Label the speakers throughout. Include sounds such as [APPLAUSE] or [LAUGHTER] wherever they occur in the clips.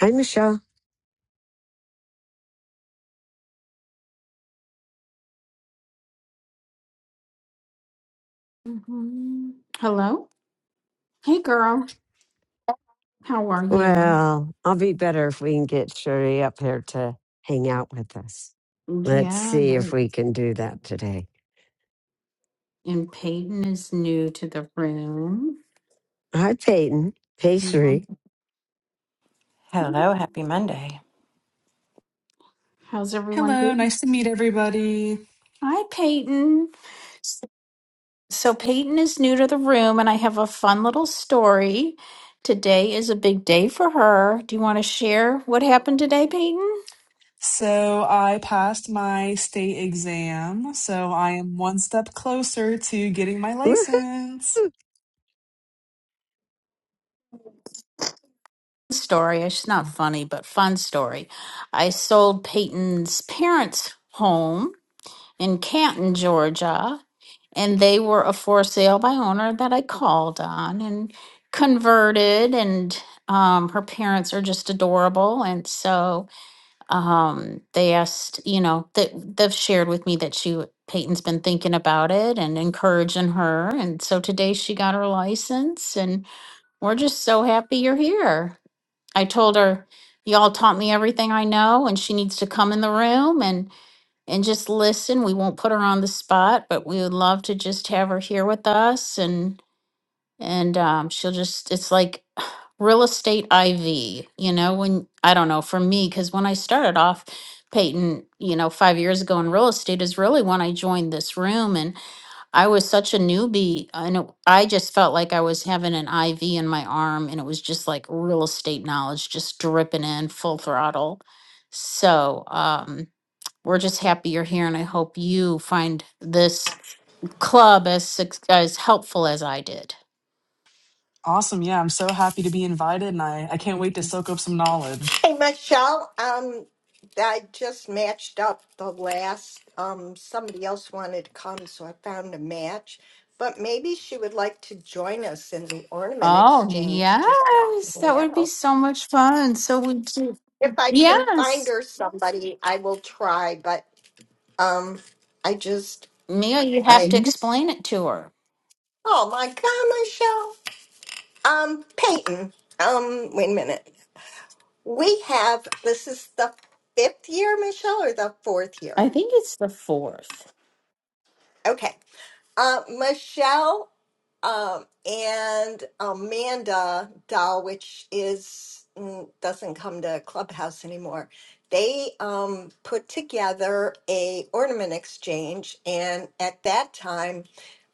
Speaker 1: Hi, Michelle.
Speaker 2: hmm Hello. Hey, girl. How are you?
Speaker 1: Well, I'll be better if we can get Sherry up here to hang out with us. Let's
Speaker 2: Yeah.
Speaker 1: see if
Speaker 2: right.
Speaker 1: we can do that today.
Speaker 2: And Peyton is new to the room.
Speaker 1: Hi, Peyton. Hey,
Speaker 2: Mhm.
Speaker 1: Sherry.
Speaker 3: Hello, happy Monday.
Speaker 2: How's everyone
Speaker 4: Hello,
Speaker 2: doing?
Speaker 4: nice to meet everybody.
Speaker 2: Hi, Peyton. S- So, Peyton is new to the room, and I have a fun little story. Today is a big day for her. Do you want to share what happened today, Peyton?
Speaker 4: So, I passed my state exam, so I am one step closer to getting my
Speaker 1: Woohoo.
Speaker 4: license.
Speaker 2: Story. It's not funny, but fun story. I sold Peyton's parents' home in Canton, Georgia, and they were a for sale by owner that I called on and converted and um her parents are just adorable and so um they asked you know that they've shared with me that she Peyton's been thinking about it and encouraging her and so today she got her license and we're just so happy you're here. I told her y'all taught me everything I know and she needs to come in the room and and just listen. We won't put her on the spot, but we would love to just have her here with us and and um she'll just it's like [SIGHS] real estate IV, you know, when I don't know, for me cuz when I started off Peyton, you know, 5 years ago in real estate is really when I joined this room and I was such a newbie and it, I just felt like I was having an IV in my arm and it was just like real estate knowledge just dripping in full throttle. So, um we're just happy you're here and I hope you find this club as suc- as helpful as I did.
Speaker 4: Awesome. Yeah, I'm so happy to be invited and I, I can't wait to soak up some knowledge.
Speaker 5: Hey, Michelle, um, I just matched up the last, um, somebody else wanted to come, so I found a match. But maybe she would like to join us in the ornament
Speaker 2: Oh,
Speaker 5: exchange just to
Speaker 2: yes.
Speaker 5: hang
Speaker 2: That would be
Speaker 5: out.
Speaker 2: so much fun. So would do.
Speaker 5: If I can find
Speaker 2: Yes.
Speaker 5: her somebody, I will try, but, um, I just,
Speaker 2: Mia, you have to
Speaker 5: I,
Speaker 2: explain it to her.
Speaker 5: oh my God, Michelle. Um, Peyton, um, wait a minute. We have, this is the fifth year, Michelle, or the fourth year?
Speaker 2: I think it's the fourth.
Speaker 5: Okay. Uh, Michelle um, and Amanda Dahl, which is mm, doesn't come to Clubhouse anymore. They um, put together a ornament exchange, and at that time,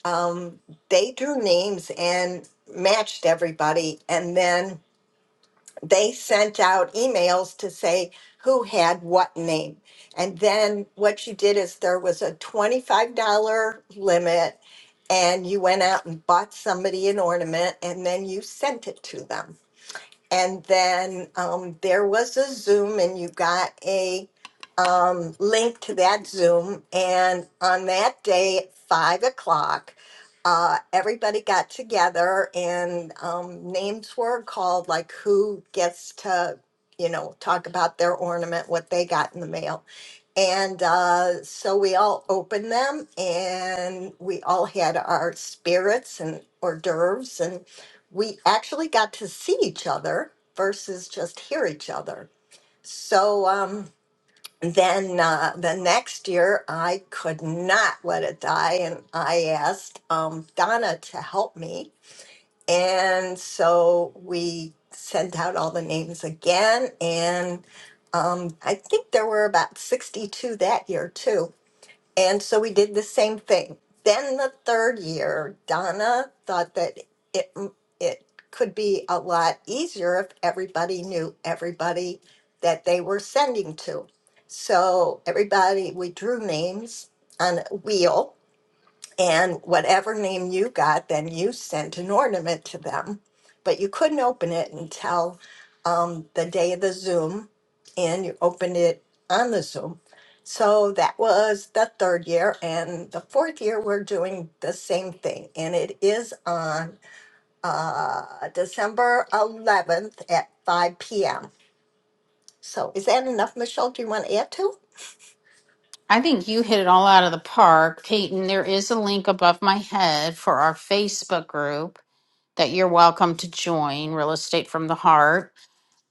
Speaker 5: um, they drew names and matched everybody, and then they sent out emails to say who had what name. And then what you did is there was a $25 limit, and you went out and bought somebody an ornament, and then you sent it to them. And then um, there was a Zoom, and you got a um, link to that Zoom. And on that day at five o'clock, uh, everybody got together, and um, names were called, like who gets to, you know, talk about their ornament, what they got in the mail. And uh, so we all opened them and we all had our spirits and hors d'oeuvres. And we actually got to see each other versus just hear each other. So um, then uh, the next year, I could not let it die. And I asked um, Donna to help me and so we sent out all the names again. And um, I think there were about 62 that year, too. And so we did the same thing. Then the third year, Donna thought that it, mm, it could be a lot easier if everybody knew everybody that they were sending to. So everybody, we drew names on a wheel and whatever name you got, then you sent an ornament to them. But you couldn't open it until um, the day of the Zoom, and you opened it on the Zoom. So that was the third year. And the fourth year, we're doing the same thing. And it is on uh, December 11th at 5 p.m. So is that enough, Michelle? Do you want to add to?
Speaker 2: I think you hit it all out of the park, Peyton. There is a link above my head for our Facebook group that you're welcome to join, Real Estate from the Heart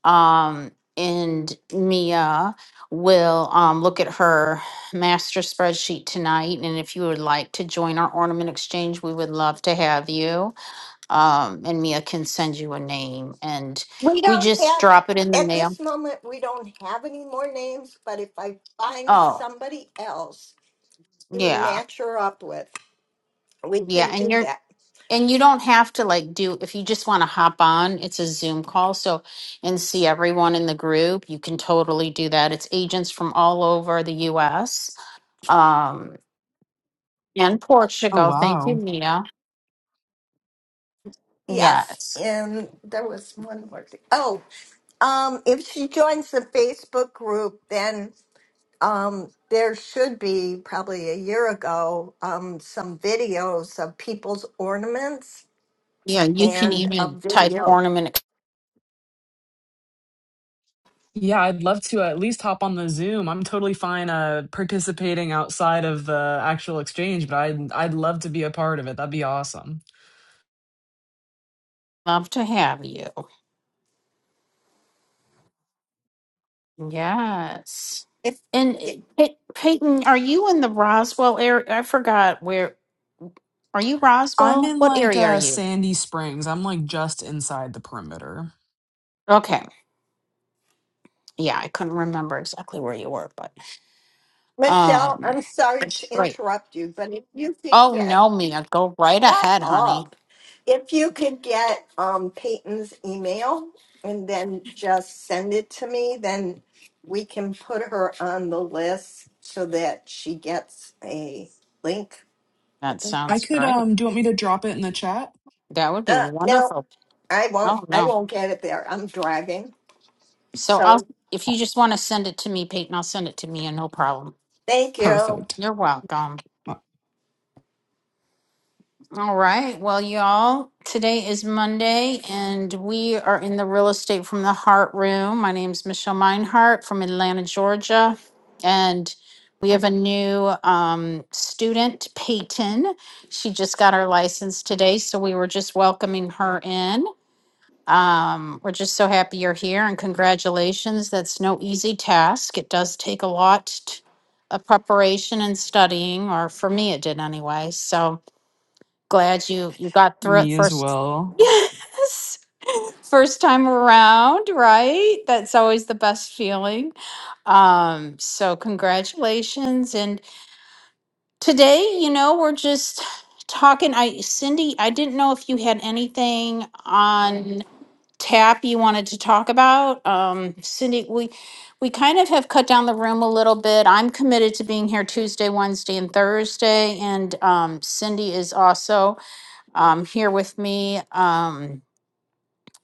Speaker 2: um, and Mia will um, look at her master spreadsheet tonight. And if you would like to join our ornament exchange, we would love to have you. Um, and Mia can send you a name, and
Speaker 5: We
Speaker 2: we
Speaker 5: don't
Speaker 2: just
Speaker 5: have,
Speaker 2: drop it in the
Speaker 5: at
Speaker 2: mail.
Speaker 5: this moment, we don't have any more names, but if I find
Speaker 2: Oh,
Speaker 5: somebody else to
Speaker 2: yeah,
Speaker 5: match her up with, we
Speaker 2: yeah.
Speaker 5: can
Speaker 2: And
Speaker 5: do
Speaker 2: you're
Speaker 5: that.
Speaker 2: and you don't have to like do if you just want to hop on. It's a Zoom call, so and see everyone in the group. You can totally do that. It's agents from all over the U.S and
Speaker 4: Oh,
Speaker 2: Portugal. Thank you,
Speaker 4: wow.
Speaker 2: Mia.
Speaker 5: Yes,
Speaker 2: Yes.
Speaker 5: and there was one more thing. Oh, um, if she joins the Facebook group, then um, there should be probably a year ago um, some videos of people's ornaments
Speaker 2: Yeah, you can
Speaker 5: and a
Speaker 2: even type
Speaker 5: video.
Speaker 2: ornament.
Speaker 4: Yeah, I'd love to at least hop on the Zoom. I'm totally fine uh, participating outside of the actual exchange, but I'd, I'd love to be a part of it. That'd be awesome.
Speaker 2: Love to have you. Yes.
Speaker 5: If
Speaker 2: And uh,
Speaker 5: yeah,
Speaker 2: Pey- Peyton, are you in the Roswell area? I forgot where. Are you
Speaker 4: I'm
Speaker 2: Roswell?
Speaker 4: in
Speaker 2: What
Speaker 4: like
Speaker 2: area are
Speaker 4: uh,
Speaker 2: you?
Speaker 4: Sandy Springs, I'm like just inside the perimeter.
Speaker 2: Okay. Yeah, I couldn't remember exactly where you were, but
Speaker 5: Michelle,
Speaker 2: um,
Speaker 5: I'm sorry
Speaker 2: that's
Speaker 5: to
Speaker 2: great.
Speaker 5: interrupt you, but if you could
Speaker 2: Oh
Speaker 5: get
Speaker 2: no, Mia, go right
Speaker 5: Shut
Speaker 2: ahead, honey.
Speaker 5: up. If you could get um, Peyton's email and then just send it to me, then we can put her on the list so that she gets a link. I
Speaker 2: That
Speaker 5: think.
Speaker 4: I
Speaker 2: sounds
Speaker 4: could
Speaker 2: great.
Speaker 4: um do you want me to drop it in the chat?
Speaker 2: That would be
Speaker 5: Uh, no,
Speaker 2: wonderful.
Speaker 5: I won't.
Speaker 2: Oh
Speaker 5: I
Speaker 2: no.
Speaker 5: won't get it there. I'm driving.
Speaker 2: So I'll,
Speaker 5: So
Speaker 2: if you just want to send it to me, Peyton, I'll send it to Mia. No problem.
Speaker 5: thank you.
Speaker 4: Perfect.
Speaker 2: You're welcome. All right. Well, y'all, today is Monday and we are in the real estate from the heart room. My name is Michelle Meinhardt from Atlanta, Georgia. And we have a new um, student, Peyton. She just got her license today. So we were just welcoming her in. Um, we're just so happy you're here and congratulations. That's no easy task. It does take a lot t- of preparation and studying, or for me, it did anyway. So glad you you got through it
Speaker 4: Me as
Speaker 2: first. [LAUGHS]
Speaker 4: well.
Speaker 2: Yes, first time around, right? That's always the best feeling. Um, so congratulations. And today, you know, we're just talking. I Cindy, I didn't know if you had anything on tap you wanted to talk about. Um, Cindy, we, we kind of have cut down the room a little bit. I'm committed to being here Tuesday, Wednesday, and Thursday, and um, Cindy is also um, here with me. Um,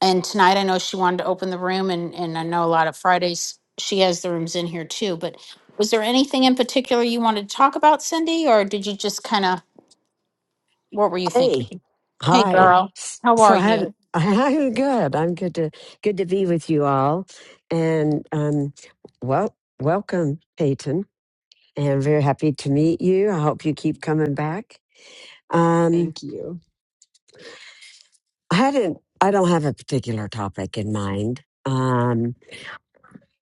Speaker 2: and tonight, I know she wanted to open the room, and, and I know a lot of Fridays she has the rooms in here too. But was there anything in particular you wanted to talk about, Cindy, or did you just kind of, what were you
Speaker 1: Hey.
Speaker 2: thinking? Hey,
Speaker 1: Hi.
Speaker 2: girl,
Speaker 1: S-
Speaker 2: how
Speaker 1: So
Speaker 2: are
Speaker 1: I
Speaker 2: you?
Speaker 1: had. [LAUGHS] I'm good. I'm good to good to be with you all, and um, well, welcome, Peyton. And very happy to meet you. I hope you keep coming back. Um,
Speaker 4: Thank you.
Speaker 1: I hadn't. I don't have a particular topic in mind. Um,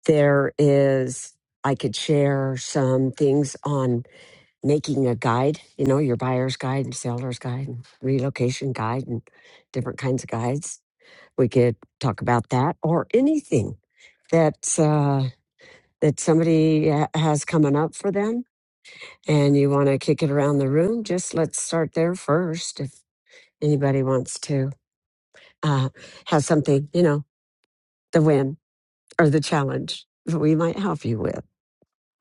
Speaker 1: There is, I could share some things on making a guide, you know, your buyer's guide and seller's guide and relocation guide and different kinds of guides. We could talk about that or anything that's, uh, that somebody ha- has coming up for them and you want to kick it around the room. Just let's start there first. If anybody wants to, uh, have something, you know, the win or the challenge that we might help you with.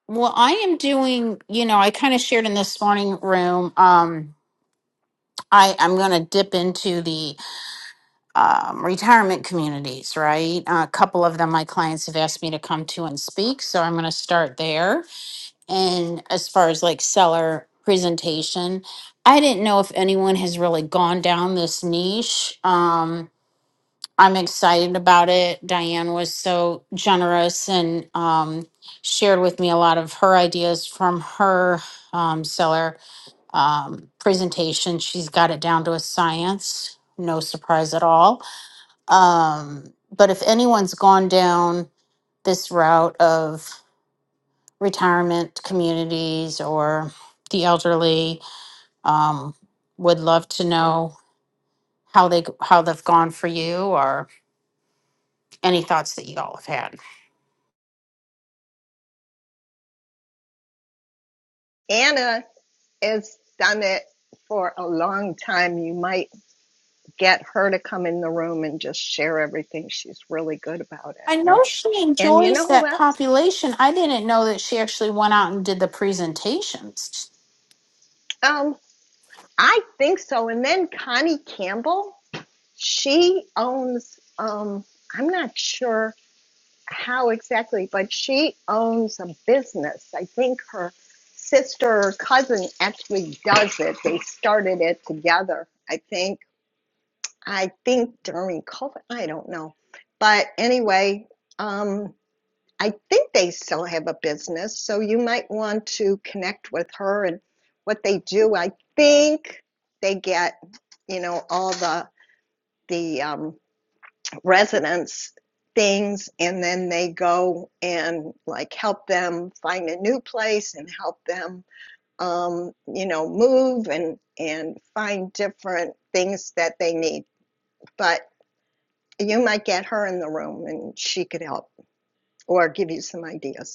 Speaker 2: Well, I am doing, you know, I kind of shared in this morning room. Um, I, I'm going to dip into the um, retirement communities, right? a couple of them my clients have asked me to come to and speak. So I'm going to start there. And as far as like seller presentation, I didn't know if anyone has really gone down this niche. Um, I'm excited about it. Diane was so generous and um, shared with me a lot of her ideas from her um, seller um, presentation. She's got it down to a science, no surprise at all. Um, but if anyone's gone down this route of retirement communities or the elderly, um, would love to know how they how they've gone for you or any thoughts that you all have had.
Speaker 5: Anna has done it for a long time. You might get her to come in the room and just share everything. She's really good about it.
Speaker 2: I
Speaker 5: And,
Speaker 2: know she
Speaker 5: and you know
Speaker 2: enjoys
Speaker 5: who
Speaker 2: that
Speaker 5: else?
Speaker 2: population. I didn't know that she actually went out and did the presentations.
Speaker 5: I think so. And then Connie Campbell, she owns, um, I'm not sure how exactly, but she owns a business. I think her sister or cousin actually does it. They started it together, I think. I think during COVID, I don't know. But anyway, um, I think they still have a business, so you might want to connect with her and what they do. I think they get, you know, all the the um, residents things, and then they go and like help them find a new place and help them, um, you know, move and and find different things that they need. But you might get her in the room, and she could help or give you some ideas.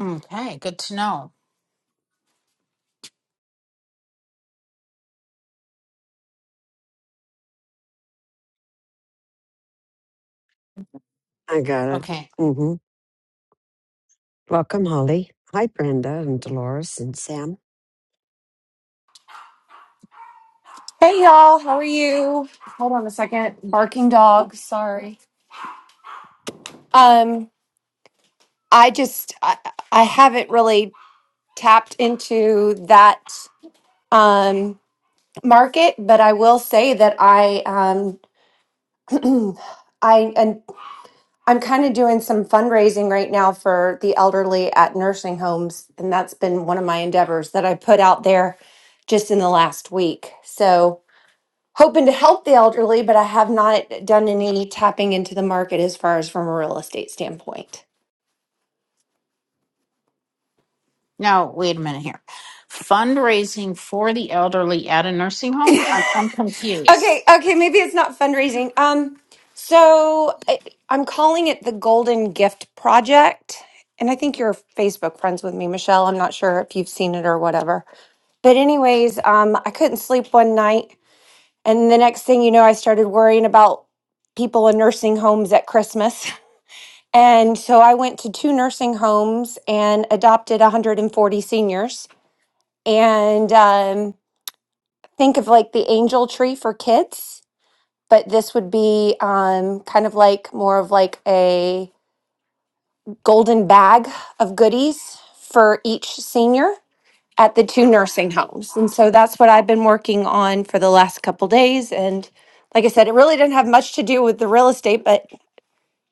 Speaker 2: Okay, good to know.
Speaker 1: I got it.
Speaker 2: Okay,
Speaker 1: hmm Welcome, Holly. Hi, Brenda and Dolores and Sam.
Speaker 6: Hey y'all, how are you? Hold on a second. Barking dog, sorry. Um I just I, I haven't really tapped into that um market, but I will say that I um [CLEARS THROAT] I and I'm kind of doing some fundraising right now for the elderly at nursing homes, and that's been one of my endeavors that I put out there just in the last week. So, hoping to help the elderly, but I have not done any tapping into the market as far as from a real estate standpoint.
Speaker 2: now wait a minute here. Fundraising for the elderly at a nursing home? I'm, I'm confused.
Speaker 6: Okay, okay, maybe it's not fundraising. Um, so I, I'm calling it the Golden Gift Project, and I think you're Facebook friends with me, Michelle. I'm not sure if you've seen it or whatever. But anyways, um, I couldn't sleep one night, and the next thing you know, I started worrying about people in nursing homes at Christmas. [LAUGHS] And so I went to two nursing homes and adopted 140 seniors. And um, think of like the angel tree for kids, but this would be um, kind of like more of like a golden bag of goodies for each senior at the two nursing homes. And so that's what I've been working on for the last couple days. And like I said, it really didn't have much to do with the real estate, but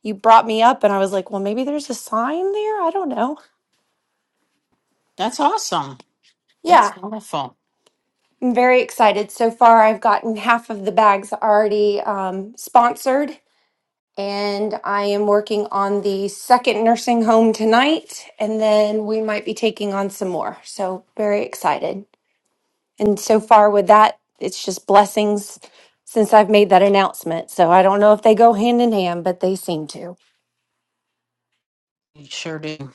Speaker 6: you brought me up and I was like, well, maybe there's a sign there. I don't know.
Speaker 2: That's awesome. That's
Speaker 6: Yeah.
Speaker 2: wonderful.
Speaker 6: I'm very excited. So far, I've gotten half of the bags already um, sponsored, and I am working on the second nursing home tonight, and then we might be taking on some more. So, very excited. And so far, with that, it's just blessings since I've made that announcement. So, I don't know if they go hand in hand, but they seem to.
Speaker 2: You sure do.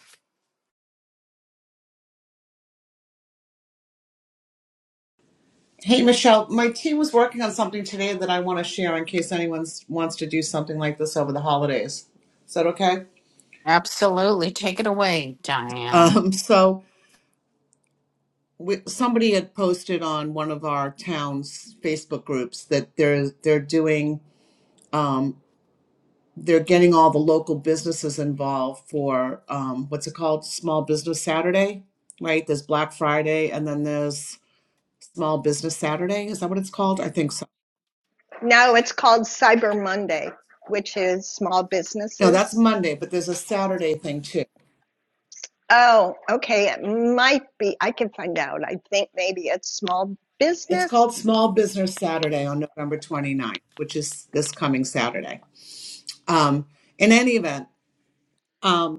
Speaker 7: Hey, Michelle, my team was working on something today that I want to share in case anyone s- wants to do something like this over the holidays. Is that okay?
Speaker 2: Absolutely. Take it away, Diane.
Speaker 7: Um, so, we, somebody had posted on one of our town's Facebook groups that they're they're doing um, they're getting all the local businesses involved for um, what's it called Small Business Saturday, right? There's Black Friday and then there's Small Business Saturday. Is that what it's called? I think so.
Speaker 5: No, it's called Cyber Monday, which is small
Speaker 7: No, that's
Speaker 5: businesses.
Speaker 7: Monday, but there's a Saturday thing too.
Speaker 5: Oh, okay. It might be. I can find out. I think maybe it's small
Speaker 7: It's called
Speaker 5: business.
Speaker 7: Small Business Saturday on November twenty ninth, which is this coming Saturday. Um, in any event, um,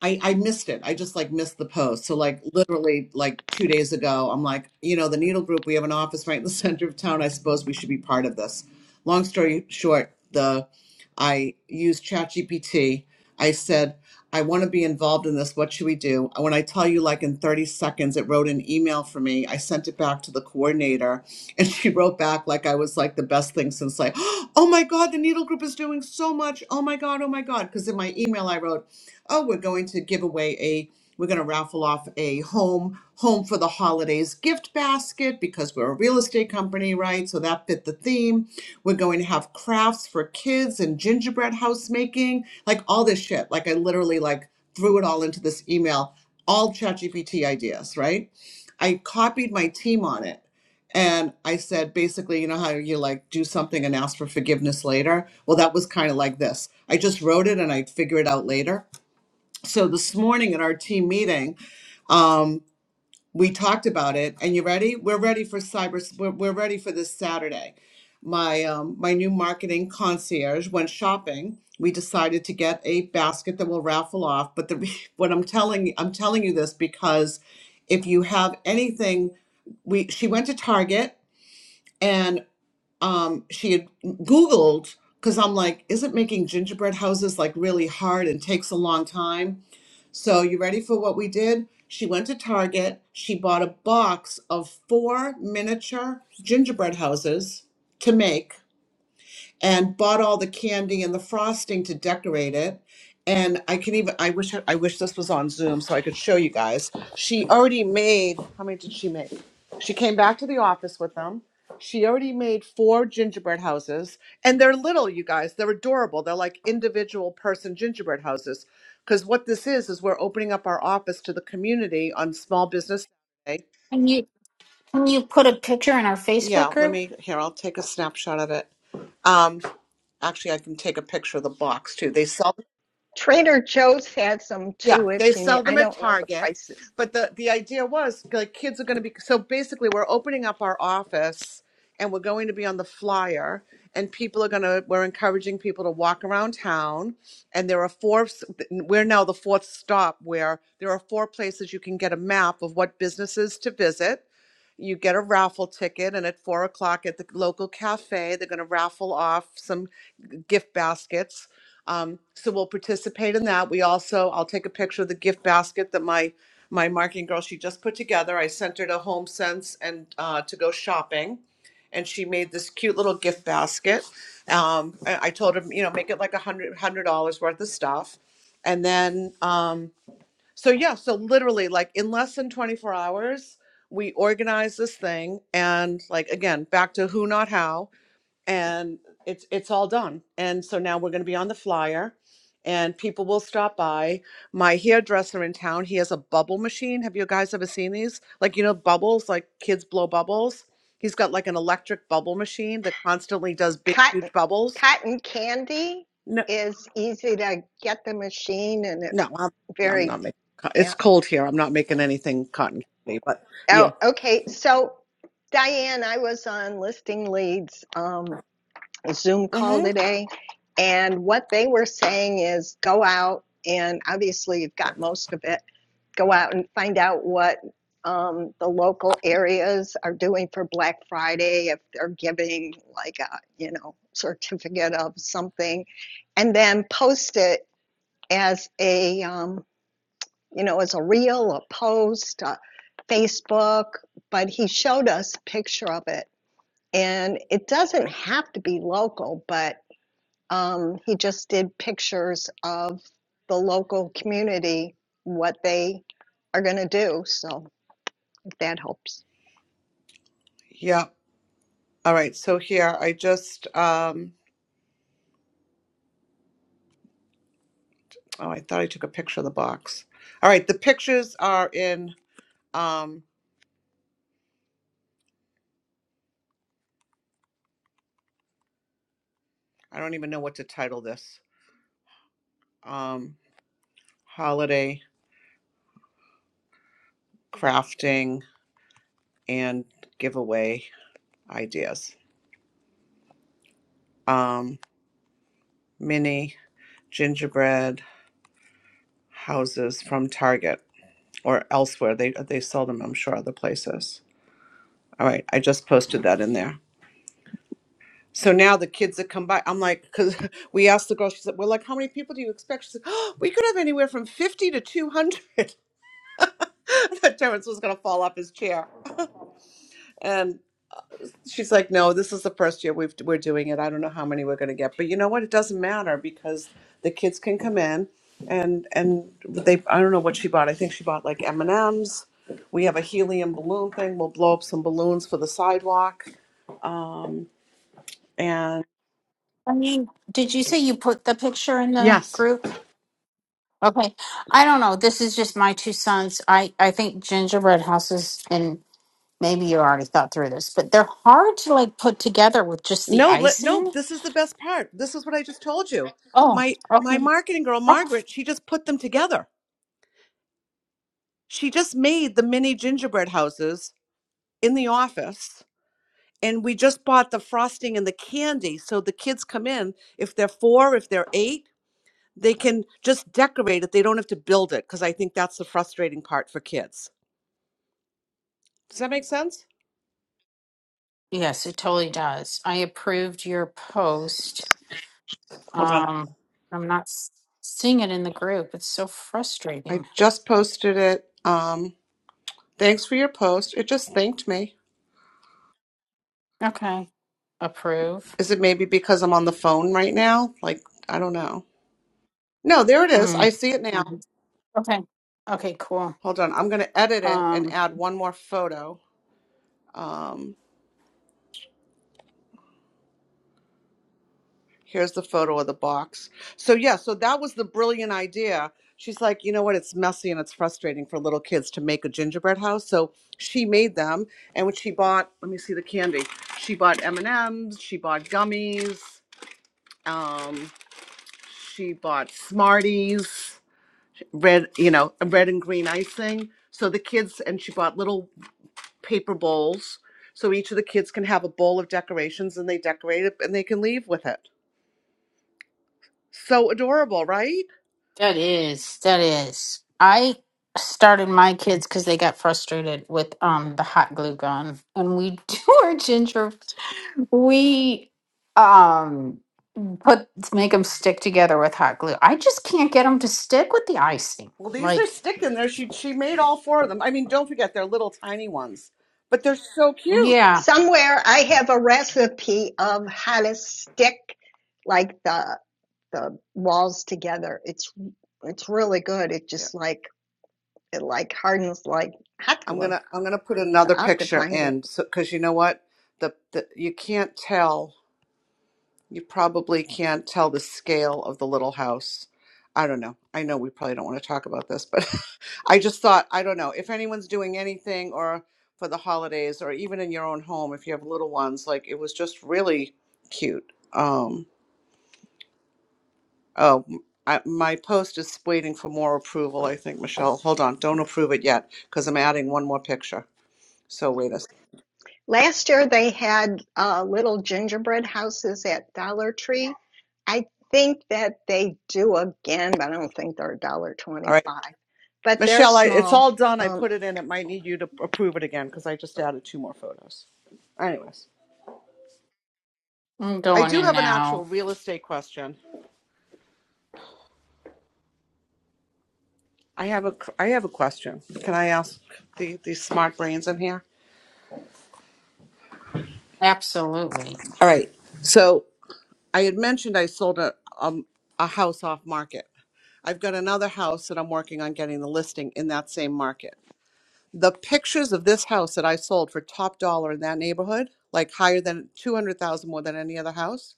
Speaker 7: I, I missed it. I just like missed the post. So like literally like two days ago, I'm like, you know, the Needle Group, we have an office right in the [LAUGHS] center of town. I suppose we should be part of this. Long story short, the I used ChatGPT. I said, I want to be involved in this. What should we do? When I tell you, like in 30 seconds, it wrote an email for me. I sent it back to the coordinator, [LAUGHS] and she wrote back like I was like the best thing since like, [GASPS] oh my god, the Needle Group is doing so much. Oh my god, oh my god. Because in my email, I wrote oh, we're going to give away a we're going to raffle off a home home for the holidays gift basket because we're a real estate company right so that fit the theme we're going to have crafts for kids and gingerbread house making like all this shit like i literally like threw it all into this email all ChatGPT ideas right i copied my team on it and I said, basically, you know how you like do something and ask for forgiveness later? Well, that was kind of like this. I just wrote it and I'd figure it out later so this morning at our team meeting um, we talked about it and you ready we're ready for cyber we're, we're ready for this saturday my um, my new marketing concierge went shopping we decided to get a basket that we'll raffle off but the re- [LAUGHS] what i'm telling i'm telling you this because if you have anything we she went to target and um, she had googled because i'm like isn't making gingerbread houses like really hard and takes a long time so, you ready for what we did? She went to Target. She bought a box of four miniature gingerbread houses to make and bought all the candy and the frosting to decorate it. And I can even I wish I wish this was on Zoom so I could show you guys. She already made how many did she make? She came back to the office with them. She already made four gingerbread houses, and they're little, you guys. They're adorable. They're like individual person gingerbread houses. Because what this is is we're opening up our office to the community on Small Business Day
Speaker 2: Can you can you put a picture in our Facebook
Speaker 7: yeah, let
Speaker 2: group?
Speaker 7: me here, I'll take a snapshot of it. Um, actually I can take a picture of the box too. They sell
Speaker 5: Trader Joe's had some
Speaker 7: yeah,
Speaker 5: too, if
Speaker 7: they
Speaker 5: you need.
Speaker 7: sell
Speaker 5: I
Speaker 7: them at
Speaker 5: don't know the
Speaker 7: Target.
Speaker 5: prices.
Speaker 7: But the the idea was like kids are going to be so basically we're opening up our office and we're going to be on the flyer and people are going to we're encouraging people to walk around town and there are four we're now the fourth stop where there are four places you can get a map of what businesses to visit you get a raffle ticket and at four o'clock at the local cafe they're going to raffle off some gift baskets um, so we'll participate in that we also i'll take a picture of the gift basket that my my marketing girl she just put together i sent her to home sense and uh, to go shopping and she made this cute little gift basket um, I, I told her you know make it like a hundred hundred dollars worth of stuff and then um, so yeah, so literally like in less than 24 hours, we organize this thing and like again, back to who not how and it's it's all done. And so now we're going to be on the flyer and people will stop by. My hairdresser in town, he has a bubble machine. Have you guys ever seen these? Like you know bubbles, like kids blow bubbles. He's got like an electric bubble machine that constantly does big
Speaker 5: Cotton,
Speaker 7: huge bubbles.
Speaker 5: cotton candy
Speaker 7: No
Speaker 5: is easy to get the machine and it
Speaker 7: no, I'm, I'm
Speaker 5: very,
Speaker 7: not making co- it's
Speaker 5: yeah.
Speaker 7: cold here. I'm not making anything cotton candy, but yeah.
Speaker 5: Oh, okay. So, Diane, I was on listing leads. Um, a Zoom call
Speaker 7: Mm-hmm.
Speaker 5: today. And what they were saying is go out and obviously you've got most of it. Go out and find out what um, the local areas are doing for Black Friday, if they're giving like a, you know, certificate of something, and then post it as a, um, you know, as a reel, a post, a Facebook. But he showed us a picture of it. And it doesn't have to be local, but um, he just did pictures of the local community, what they are going to do. So if that helps.
Speaker 7: Yeah. All right. So here I just um oh I thought I took a picture of the box. All right, the pictures are in um I don't even know what to title this. Um holiday crafting and giveaway ideas. Um mini gingerbread houses from Target or elsewhere. They they sell them I'm sure other places. All right, I just posted that in there. So now the kids that come by, I'm like, because [LAUGHS] we asked the girl, she said, well, like, how many people do you expect? She said, oh, we could have anywhere from 50 to 200. I thought [LAUGHS] Terrence was going to fall off his chair. And she's like, no, this is the first year we've, we're doing it. I don't know how many we're going to get. But you know what? It doesn't matter because the kids can come in and and they, I don't know what she bought. I think she bought like M&Ms. We have a helium balloon thing. We'll blow up some balloons for the sidewalk. Um, and
Speaker 2: I mean, did you say you put the picture in the
Speaker 7: Yes.
Speaker 2: group? Okay. I don't know. This is just my two sons. I, I think gingerbread houses, and maybe you already thought through this, but they're hard to like put together with just the
Speaker 7: No, let, no,
Speaker 2: icing.
Speaker 7: this is the best part. This is what I just told you.
Speaker 2: Oh,
Speaker 7: My my
Speaker 2: okay.
Speaker 7: marketing girl
Speaker 2: Oh.
Speaker 7: Margaret, she just put them together. She just made the mini gingerbread houses in the office and we just bought the frosting and the candy so the kids come in if they're 4, if they're 8, they can just decorate it. They don't have to build it because I think that's the frustrating part for kids. Does that make sense?
Speaker 2: Yes, it totally does. I approved your post.
Speaker 7: Hold on.
Speaker 2: Um, I'm not s- seeing it in the group. It's so
Speaker 7: I
Speaker 2: frustrating.
Speaker 7: just posted it. Um thanks for your post. It just thanked me.
Speaker 2: Okay. Approve.
Speaker 7: Is it maybe because I'm on the phone right now? Like, I don't know. No, there it is. I
Speaker 2: Mm.
Speaker 7: see it now.
Speaker 2: Um, Okay. Okay, cool.
Speaker 7: Hold on. I'm going to edit it
Speaker 2: Um,
Speaker 7: and add one more photo. Um, here's the photo of the box. So, yeah, so that was the brilliant idea. She's like, you know what? It's messy and it's frustrating for little kids to make a gingerbread house. So she made them. And when she bought, let me see the candy. She bought M&Ms. She bought gummies. Um, she bought Smarties red, you know, a red and green icing. So the kids and she bought little paper bowls. So each of the kids can have a bowl of decorations and they decorate it and they can leave with it. So adorable, right?
Speaker 2: That is, that is. I started my kids because they got frustrated with um the hot glue gun, and we [LAUGHS] do our ginger. We um put make them stick together with hot glue. I just can't get them to stick with the icing.
Speaker 7: Well, these are
Speaker 2: Like,
Speaker 7: sticking there. She she made all four of them. I mean, don't forget they're little tiny ones, but they're so cute.
Speaker 2: yeah,
Speaker 5: Somewhere I have a recipe of how to stick like the the walls together. It's it's really good. It
Speaker 7: Yeah.
Speaker 5: just like it like hardens like hot
Speaker 7: I'm going
Speaker 5: glue.
Speaker 7: to I'm going to put
Speaker 5: So
Speaker 7: another
Speaker 5: I have to
Speaker 7: picture
Speaker 5: find it.
Speaker 7: in so cuz you know what? The, the you can't tell You probably can't tell the scale of the little house. I don't know. I know we probably don't want to talk about this, but [LAUGHS] I just thought, I don't know, if anyone's doing anything or for the holidays or even in your own home, if you have little ones, like it was just really cute. Um, oh, m- I, my post is waiting for more approval, I think, Michelle. Hold on. Don't approve it yet because I'm adding one more picture. So wait a second.
Speaker 5: Last year they had uh, little gingerbread houses at Dollar Tree I think that they do again, but I don't think they're a dollar
Speaker 7: All right.
Speaker 5: twenty-five. But they're
Speaker 7: Michelle, I, it's
Speaker 5: small.
Speaker 7: all done. I
Speaker 5: Um,
Speaker 7: put it in. It might need you to approve it again because I just added two more photos. Anyways,
Speaker 2: I'm
Speaker 7: I
Speaker 2: going
Speaker 7: do
Speaker 2: in
Speaker 7: have an
Speaker 2: now.
Speaker 7: actual real estate question. I have a I have a question. Can I ask the these smart brains in here?
Speaker 2: Absolutely.
Speaker 7: All right. So I had mentioned I sold a um, a house off market. I've got another house that I'm working on getting the listing in that same market. The pictures of this house that I sold for top dollar in that neighborhood, like higher than 200,000 more than any other house,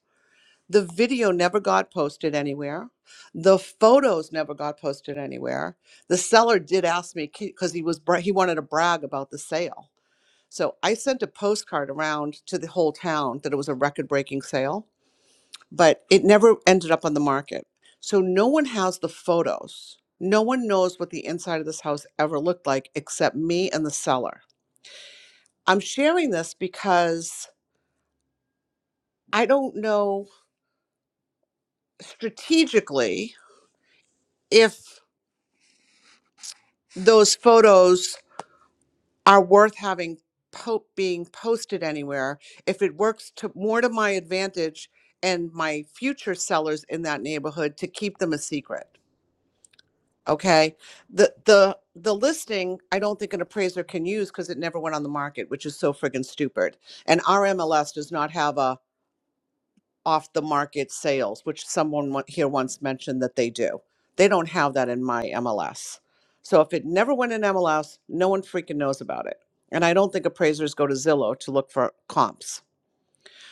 Speaker 7: The video never got posted anywhere. The photos never got posted anywhere. The seller did ask me because he was bra- he wanted to brag about the sale. So I sent a postcard around to the whole town that it was a record-breaking sale, but it never ended up on the market. So no one has the photos. No one knows what the inside of this house ever looked like except me and the seller. I'm sharing this because I don't know strategically if those photos are worth having po- being posted anywhere if it works to more to my advantage and my future sellers in that neighborhood to keep them a secret okay the the the listing i don't think an appraiser can use because it never went on the market which is so friggin' stupid and our mls does not have a off the market sales, which someone wa- here once mentioned that they do. They don't have that in my MLS. So if it never went in MLS, no one freaking knows about it. And I don't think appraisers go to Zillow to look for comps.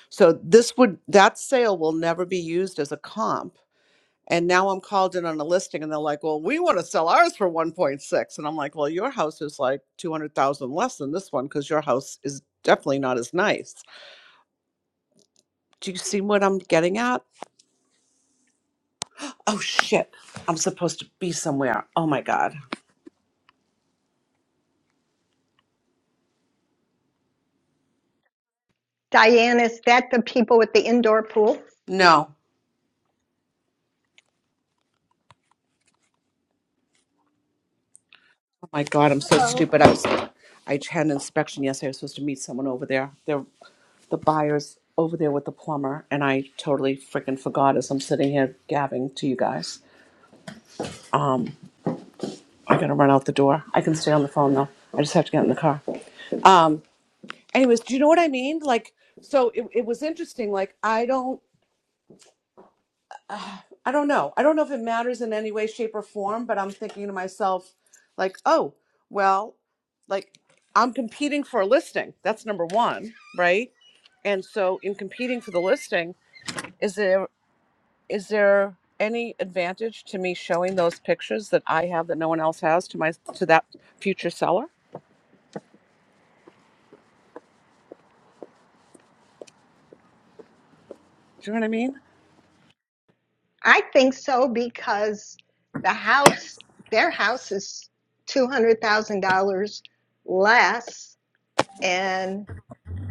Speaker 7: So this would that sale will never be used as a comp. And now I'm called in on a listing and they're like, "Well, we want to sell ours for one point six," And I'm like, "Well, your house is like 200,000 less than this one cuz your house is definitely not as nice." Do you see what I'm getting at? Oh shit. I'm supposed to be somewhere. Oh my god.
Speaker 5: Diane, is that the people with the indoor pool?
Speaker 7: No. Oh my god, I'm so
Speaker 8: Oh.
Speaker 7: stupid. I was I had an inspection yesterday. I was supposed to meet someone over there. They're the buyers over there with the plumber and I totally freaking forgot as I'm sitting here gabbing to you guys. Um I gotta run out the door. I can stay on the phone though. I just have to get in the car. Um anyways, do you know what I mean? Like so it, it was interesting. Like I don't I don't know. I don't know if it matters in any way, shape, or form, but I'm thinking to myself, like, oh, well, like I'm competing for a listing. That's number one, right? And so in competing for the listing, is there is there any advantage to me showing those pictures that I have that no one else has to my to that future seller? Do you know what I mean?
Speaker 5: I think so because the house, their house is two hundred thousand dollars less, and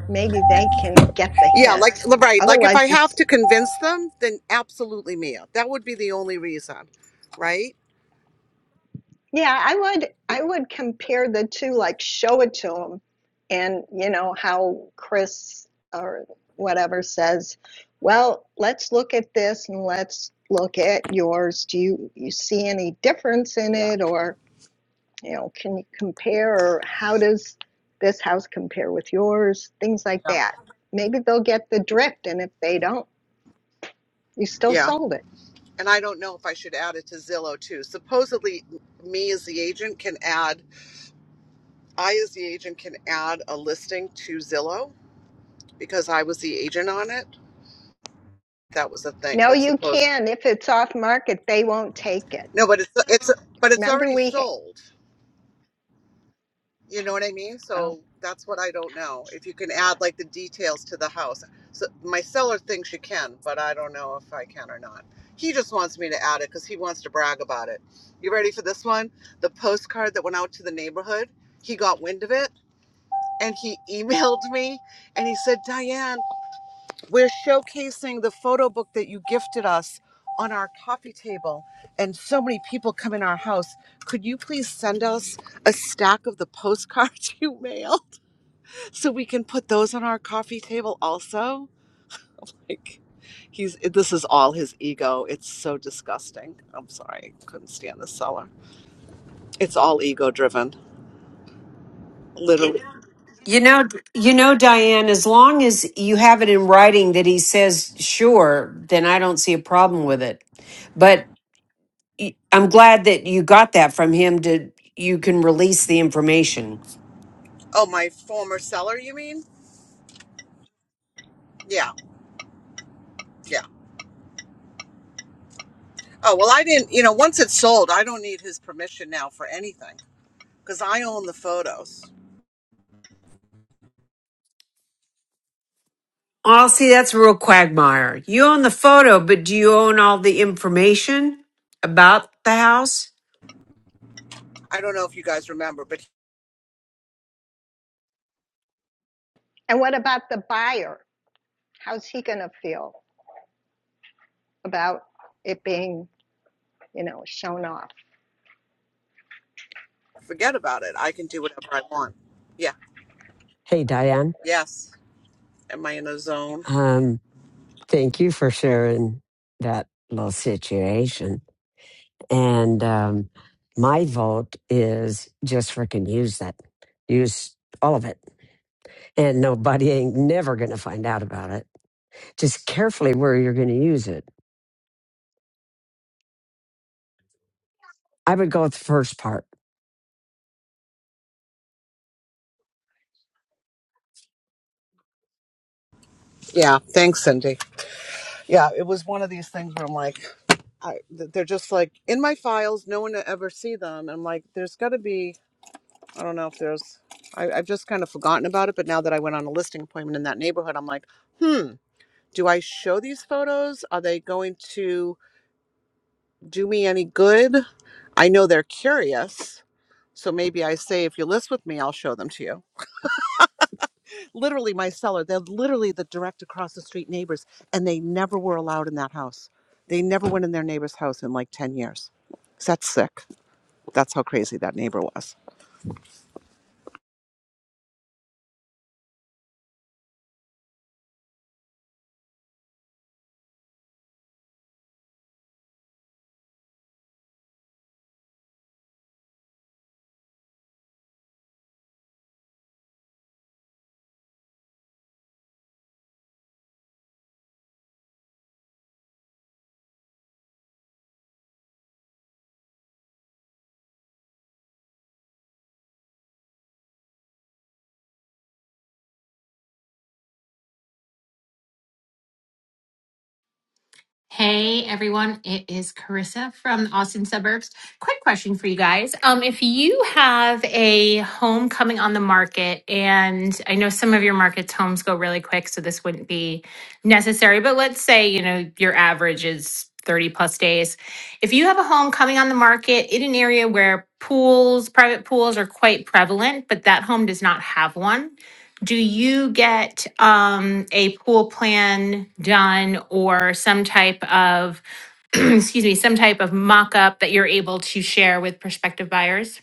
Speaker 5: maybe they can get the
Speaker 7: Yeah, like
Speaker 5: hint.
Speaker 7: right, like if I
Speaker 5: Otherwise, it's
Speaker 7: have to convince them, then absolutely Mia. That would be the only reason, right?
Speaker 5: Yeah, I would I would compare the two, like show it to them, and you know how Chris or whatever says, well, let's look at this and let's look at yours. Do you you see any difference in
Speaker 7: Yeah.
Speaker 5: it, or you know, can you compare, or how does this house compare with yours? Things like that. Maybe they'll get the drift, and if they don't, you still sold it.
Speaker 7: and I don't know if I should add it to Zillow too. Supposedly, me as the agent can add, I as the agent can add a listing to Zillow because I was the agent on it. That was a thing,
Speaker 5: No,
Speaker 7: but
Speaker 5: you
Speaker 7: suppose
Speaker 5: can. If it's off market, they won't take it.
Speaker 7: no, but it's it's but it's
Speaker 5: Remember
Speaker 7: already
Speaker 5: we.
Speaker 7: sold. You know what I mean?
Speaker 5: Oh.
Speaker 7: So that's what I don't know. If you can add like the details to the house. So my seller thinks you can, but I don't know if I can or not. He just wants me to add it because he wants to brag about it. You ready for this one? The postcard that went out to the neighborhood, he got wind of it and he [LAUGHS] emailed me and he said, Diane, we're showcasing the photo book that you gifted us on our coffee table, and so many people come in our house. Could you please send us a stack of the postcards [LAUGHS] you mailed so we can put those on our coffee table also? Like, he's this is all his ego. It's so disgusting. I'm sorry, I couldn't stand the seller. It's all ego driven, literally.
Speaker 9: You know, you know, Diane, as long as you have it in writing that he says sure, then I don't see a problem with it. But y- I'm glad that you got that from him to you can release the information.
Speaker 7: Oh, my former seller, you mean? Yeah, yeah. Oh, well, I didn't, you know, once it's sold, I don't need his permission now for anything. because I own the photos.
Speaker 9: Oh, see, that's a real quagmire. You own the photo, but do you own all the information about the house?
Speaker 7: I don't know if you guys remember, but
Speaker 5: And what about the buyer? How's he going to feel about it being, you know, shown off?
Speaker 7: forget about it. I can do whatever I want. Yeah.
Speaker 1: Hey, Diane.
Speaker 7: Yes. Am I in a zone?
Speaker 1: Um, thank you for sharing that little situation. And um, my vote is just freaking use that. Use all of it. And nobody ain't never going to find out about it. Just carefully where you're going to use it. I would go with the first part.
Speaker 7: Yeah. Thanks, Cindy. Yeah, it was one of these things where I'm like, I, th- they're just like in my files. No one will ever see them. And I'm like, there's got to be. I don't know if there's. I, I've just kind of forgotten about it. But now that I went on a listing appointment in that neighborhood, I'm like, hmm. Do I show these photos? Are they going to? do me any good. I know they're curious. So maybe I say, if you list with me, I'll show them to you. Literally, my seller, they're literally the direct across the street neighbors, and they never were allowed in that house. They never went in their neighbor's house in like 10 years. So That's sick. That's how crazy that neighbor was.
Speaker 10: Hey everyone, it is Carissa from the Austin suburbs. Quick question for you guys. Um, if you have a home coming on the market, and I know some of your markets homes go really quick, so this wouldn't be necessary, but let's say, you know, your average is 30 plus days. If you have a home coming on the market in an area where pools, private pools are quite prevalent, but that home does not have one, do you get um, a pool plan done or some type of, [CLEARS THROAT] excuse me, some type of mock up that you're able to share with prospective buyers?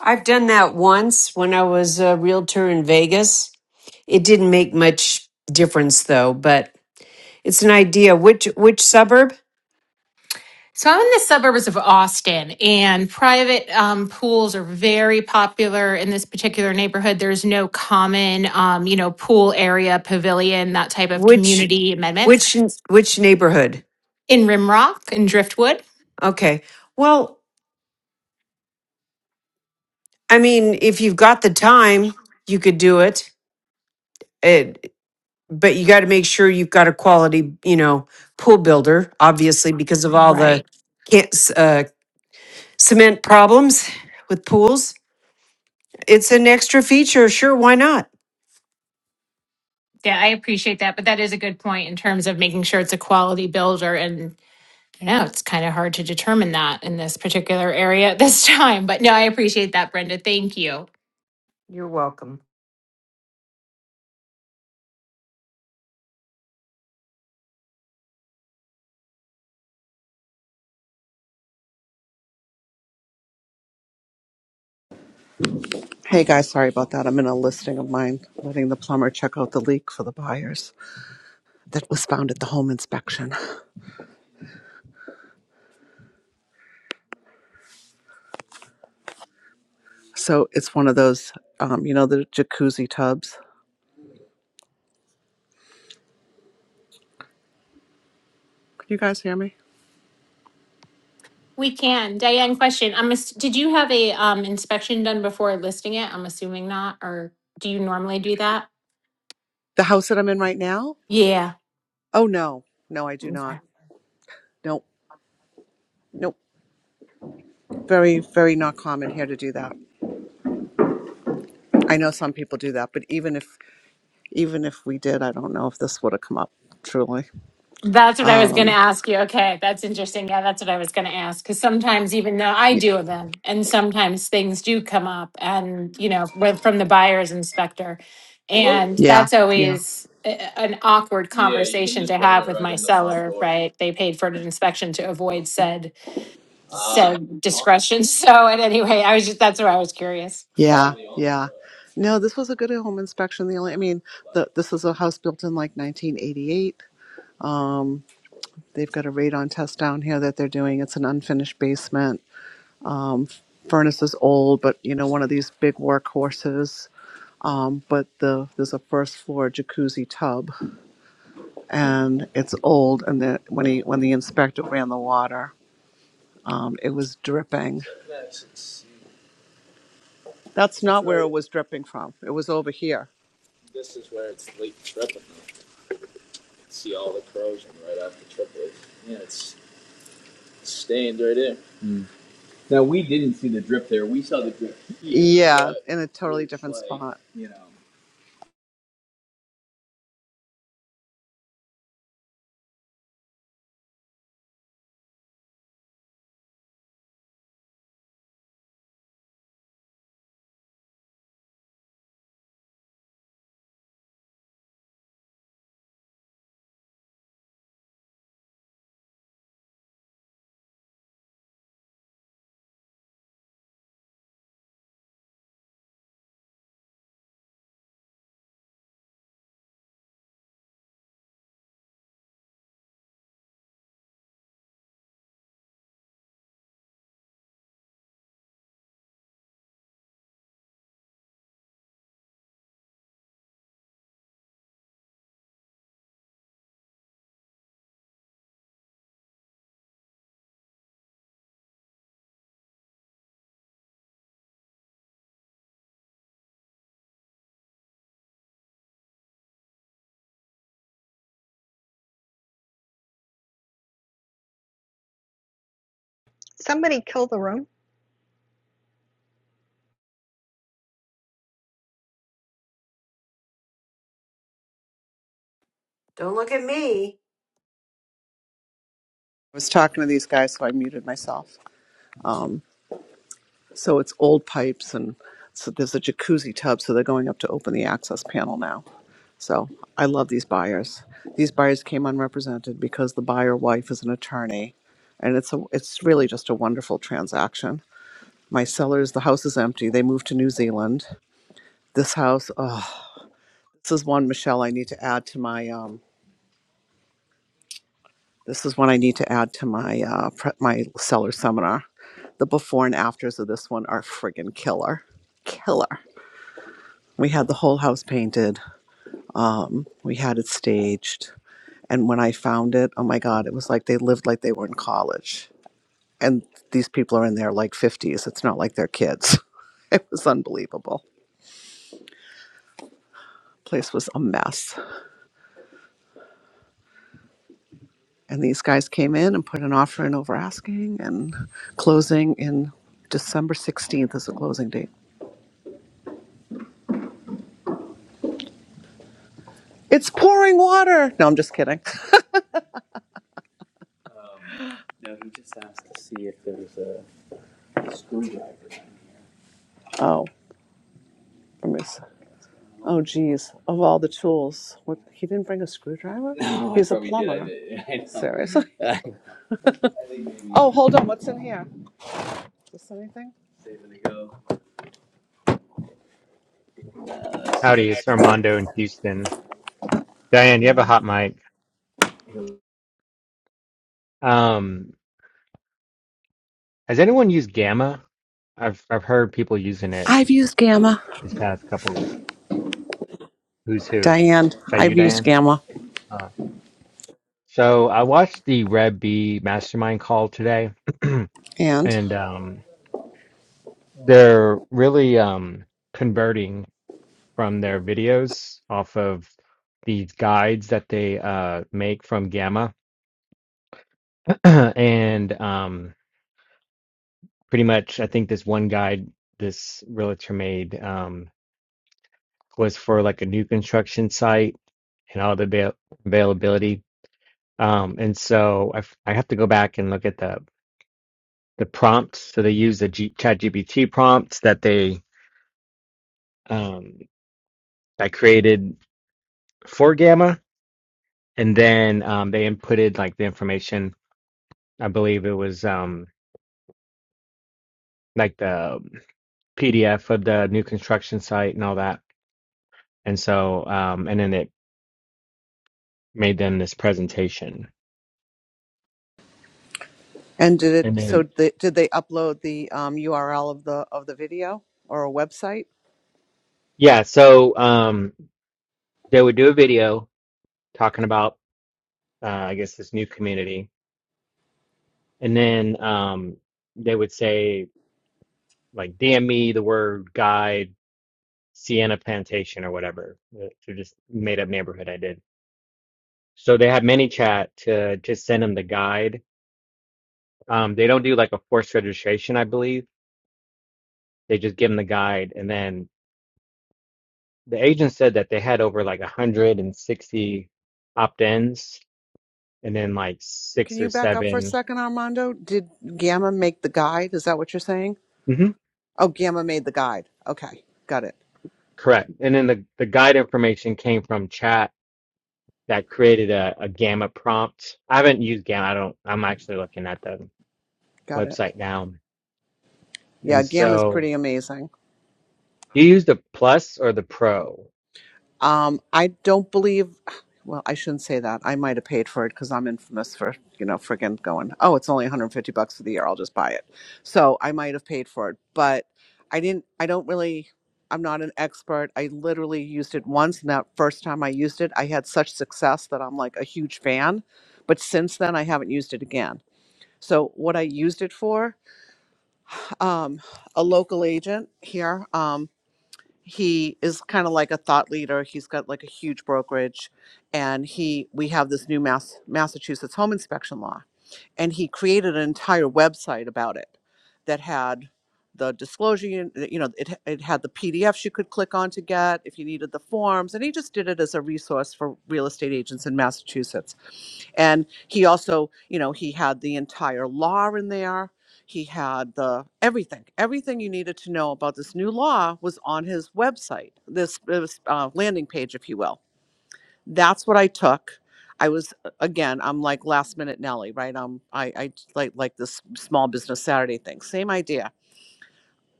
Speaker 9: I've done that once when I was a realtor in Vegas. It didn't make much difference though, but it's an idea. Which which suburb?
Speaker 10: So I'm in the suburbs of Austin, and private um, pools are very popular in this particular neighborhood. There's no common, um, you know, pool area, pavilion, that type of
Speaker 9: Which
Speaker 10: community amendments
Speaker 9: which which neighborhood?
Speaker 10: in Rimrock and Driftwood.
Speaker 9: Okay. Well, I mean, if you've got the time, you could do it. It but you got to make sure you've got a quality, you know, pool builder obviously because of all
Speaker 10: Right.
Speaker 9: the can't, s- uh, cement problems with pools. It's an extra feature, sure, why not?
Speaker 10: Yeah, I appreciate that, but that is a good point in terms of making sure it's a quality builder and I know it's kind of hard to determine that in this particular area at this [LAUGHS] time. But no, I appreciate that, Brenda. Thank you.
Speaker 9: Come-
Speaker 7: Hey guys, sorry about that. I'm in a listing of mine, letting the plumber check out the leak for the buyers that was found at the home inspection. So it's one of those, um, you know, the jacuzzi tubs. Can you guys hear me?
Speaker 10: We can. Diane, question. I'm ass- did you have a um, inspection done before listing it? I'm assuming not, or do you normally do that?
Speaker 7: The house that I'm in right now?
Speaker 10: Yeah.
Speaker 7: Oh, no. No, I do not. Nope. Nope. Very, very not common here to do that. I know some people do that, but even if even if we did, I don't know if this would have come up truly.
Speaker 10: That's what I was going to
Speaker 7: Um
Speaker 10: ask you. Okay, that's interesting. Yeah, that's what I was going to ask. Because sometimes, even though I
Speaker 7: yeah.
Speaker 10: do them, and sometimes things do come up, and you know, with, from the buyer's inspector,
Speaker 7: Hello?
Speaker 10: and
Speaker 7: Yeah.
Speaker 10: that's
Speaker 7: Yeah.
Speaker 10: always a- an awkward
Speaker 7: Yeah, you can
Speaker 10: conversation to
Speaker 7: just bring
Speaker 10: have
Speaker 7: it
Speaker 10: with
Speaker 7: right
Speaker 10: my
Speaker 7: in the front
Speaker 10: seller.
Speaker 7: door.
Speaker 10: Right? They paid for an inspection to avoid said
Speaker 7: Uh, it might
Speaker 10: said
Speaker 7: be on,
Speaker 10: discretion. [LAUGHS] So, and anyway, I was just that's where I was curious.
Speaker 7: Yeah. probably on Yeah. No, this was a good home inspection. The only I mean, the, this is a house built in like 1988. Um they've got a radon test down here that they're doing. It's an unfinished basement. furnace is old, but you know, one of these big workhorses. Um, but the there's a first floor jacuzzi tub, and it's old. And the, when he when the inspector ran the water, um, it was dripping. That's not where it was dripping from. It was over here. This is where it's leak dripping. You can See all the the corrosion right off the triplet. Yeah, it's stained right there. Now we didn't see the drip there. We saw the drip here. Yeah, in a totally different spot. You know.
Speaker 9: Don't look at me.
Speaker 7: I was talking to these guys, so I muted myself. Um, so it's old pipes, and so there's a jacuzzi tub, so they're going up to open the access panel now. So I love these buyers. These buyers came unrepresented because the buyer wife is an attorney, and it's a, it's really just a wonderful transaction. My sellers, the house is empty. They moved to New Zealand. This house, oh, this is one Michelle I need to add to my um, This is one I need to add to my uh, pre- my seller seminar. The before and afters of this one are friggin' killer, killer. We had the whole house painted. We had it staged, and when I found it, oh my god, it was like they lived like they were in college. And these people are in their like fifties. It's not like they're kids. [LAUGHS] It was unbelievable. Place was a mess. And these guys came in and put an offer in over asking and closing in December 16th is the closing date. It's pouring water. No, I'm just kidding. Um, No, he just asked to see if there was a screwdriver down here. Oh, I miss. Oh, geez. Of all the tools, what, he didn't bring a screwdriver. No, I He's a probably did. I plumber. did. [LAUGHS] I know. Seriously. [LAUGHS] I think maybe Oh, hold on. What's in here? Is this anything? saving a go. Uh, that's,
Speaker 11: Howdy, it's
Speaker 7: that's,
Speaker 11: Armando in Houston. Diane, you have a hot mic. Um, has anyone used Gamma? I've I've heard people using it
Speaker 7: I've used Gamma.
Speaker 11: this past couple of weeks. Who's who? Is
Speaker 7: Diane,
Speaker 11: that you,
Speaker 7: I've used
Speaker 11: Diane?
Speaker 7: Gamma.
Speaker 11: Uh, so I watched the Red B Mastermind call today,
Speaker 7: And
Speaker 11: and um, they're really um, converting from their videos off of these guides that they uh, make from Gamma, [CLEARS THROAT] and um, pretty much i think this one guide this realtor made um, was for like a new construction site and all the avail- availability um, and so I, f- I have to go back and look at the the prompts so they use the G- chat prompts that they um, i created for gamma and then um, they inputted like the information i believe it was um, like the pdf of the new construction site and all that and so um, and then it made them this presentation.
Speaker 7: and did it?
Speaker 11: And
Speaker 7: So
Speaker 11: then,
Speaker 7: they, did they upload the um, URL of the of the video or a website?
Speaker 11: yeah, so um, they would do a video talking about, uh, I guess, this new community. And then um, they would say, like, DM me the word guide, Sienna Plantation, or whatever. Uh, So just made up neighborhood I did. So they had ManyChat to just send them the guide. Um, they don't do like a forced registration, I believe. They just give them the guide. And then the agent said that they had over like 160 opt ins and then like
Speaker 7: Can
Speaker 11: six or
Speaker 7: you back up for a
Speaker 11: 7
Speaker 7: second, Armando? Did Gamma make the guide? Is that what you're saying?
Speaker 11: hmm
Speaker 7: Oh, Gamma made the guide. Okay, got it,
Speaker 11: Correct. And then the, the guide information came from chat that created a, a gamma prompt. I haven't used gamma. I don't, I'm actually looking at the
Speaker 7: got it.
Speaker 11: website now.
Speaker 7: Yeah,
Speaker 11: And
Speaker 7: Gamma's
Speaker 11: so
Speaker 7: pretty amazing.
Speaker 11: you use the plus or the pro?
Speaker 7: Um, I don't believe. Well, I shouldn't say that. I might have paid for it because I'm infamous for you know friggin' going. Oh, it's only 150 bucks for the year. I'll just buy it. So I might have paid for it, but I didn't. I don't really. I'm not an expert. I literally used it once, and that first time I used it, I had such success that I'm like a huge fan. But since then, I haven't used it again. So what I used it for, um, a local agent here. um, he is kind of like a thought leader. He's got like a huge brokerage, and he we have this new Mass Massachusetts home inspection law and he created an entire website about it that had the disclosure un- uh, you know it, it had the pdfs you could click on to get if you needed the forms and he just did it as a resource for real estate agents in massachusetts and he also you know he had the entire law in there he had the everything everything you needed to know about this new law was on his website this, this uh, landing page if you will that's what I took. I was uh, again, I'm like last minute Nelly, right? Um, I I like like this small business Saturday thing. Same idea.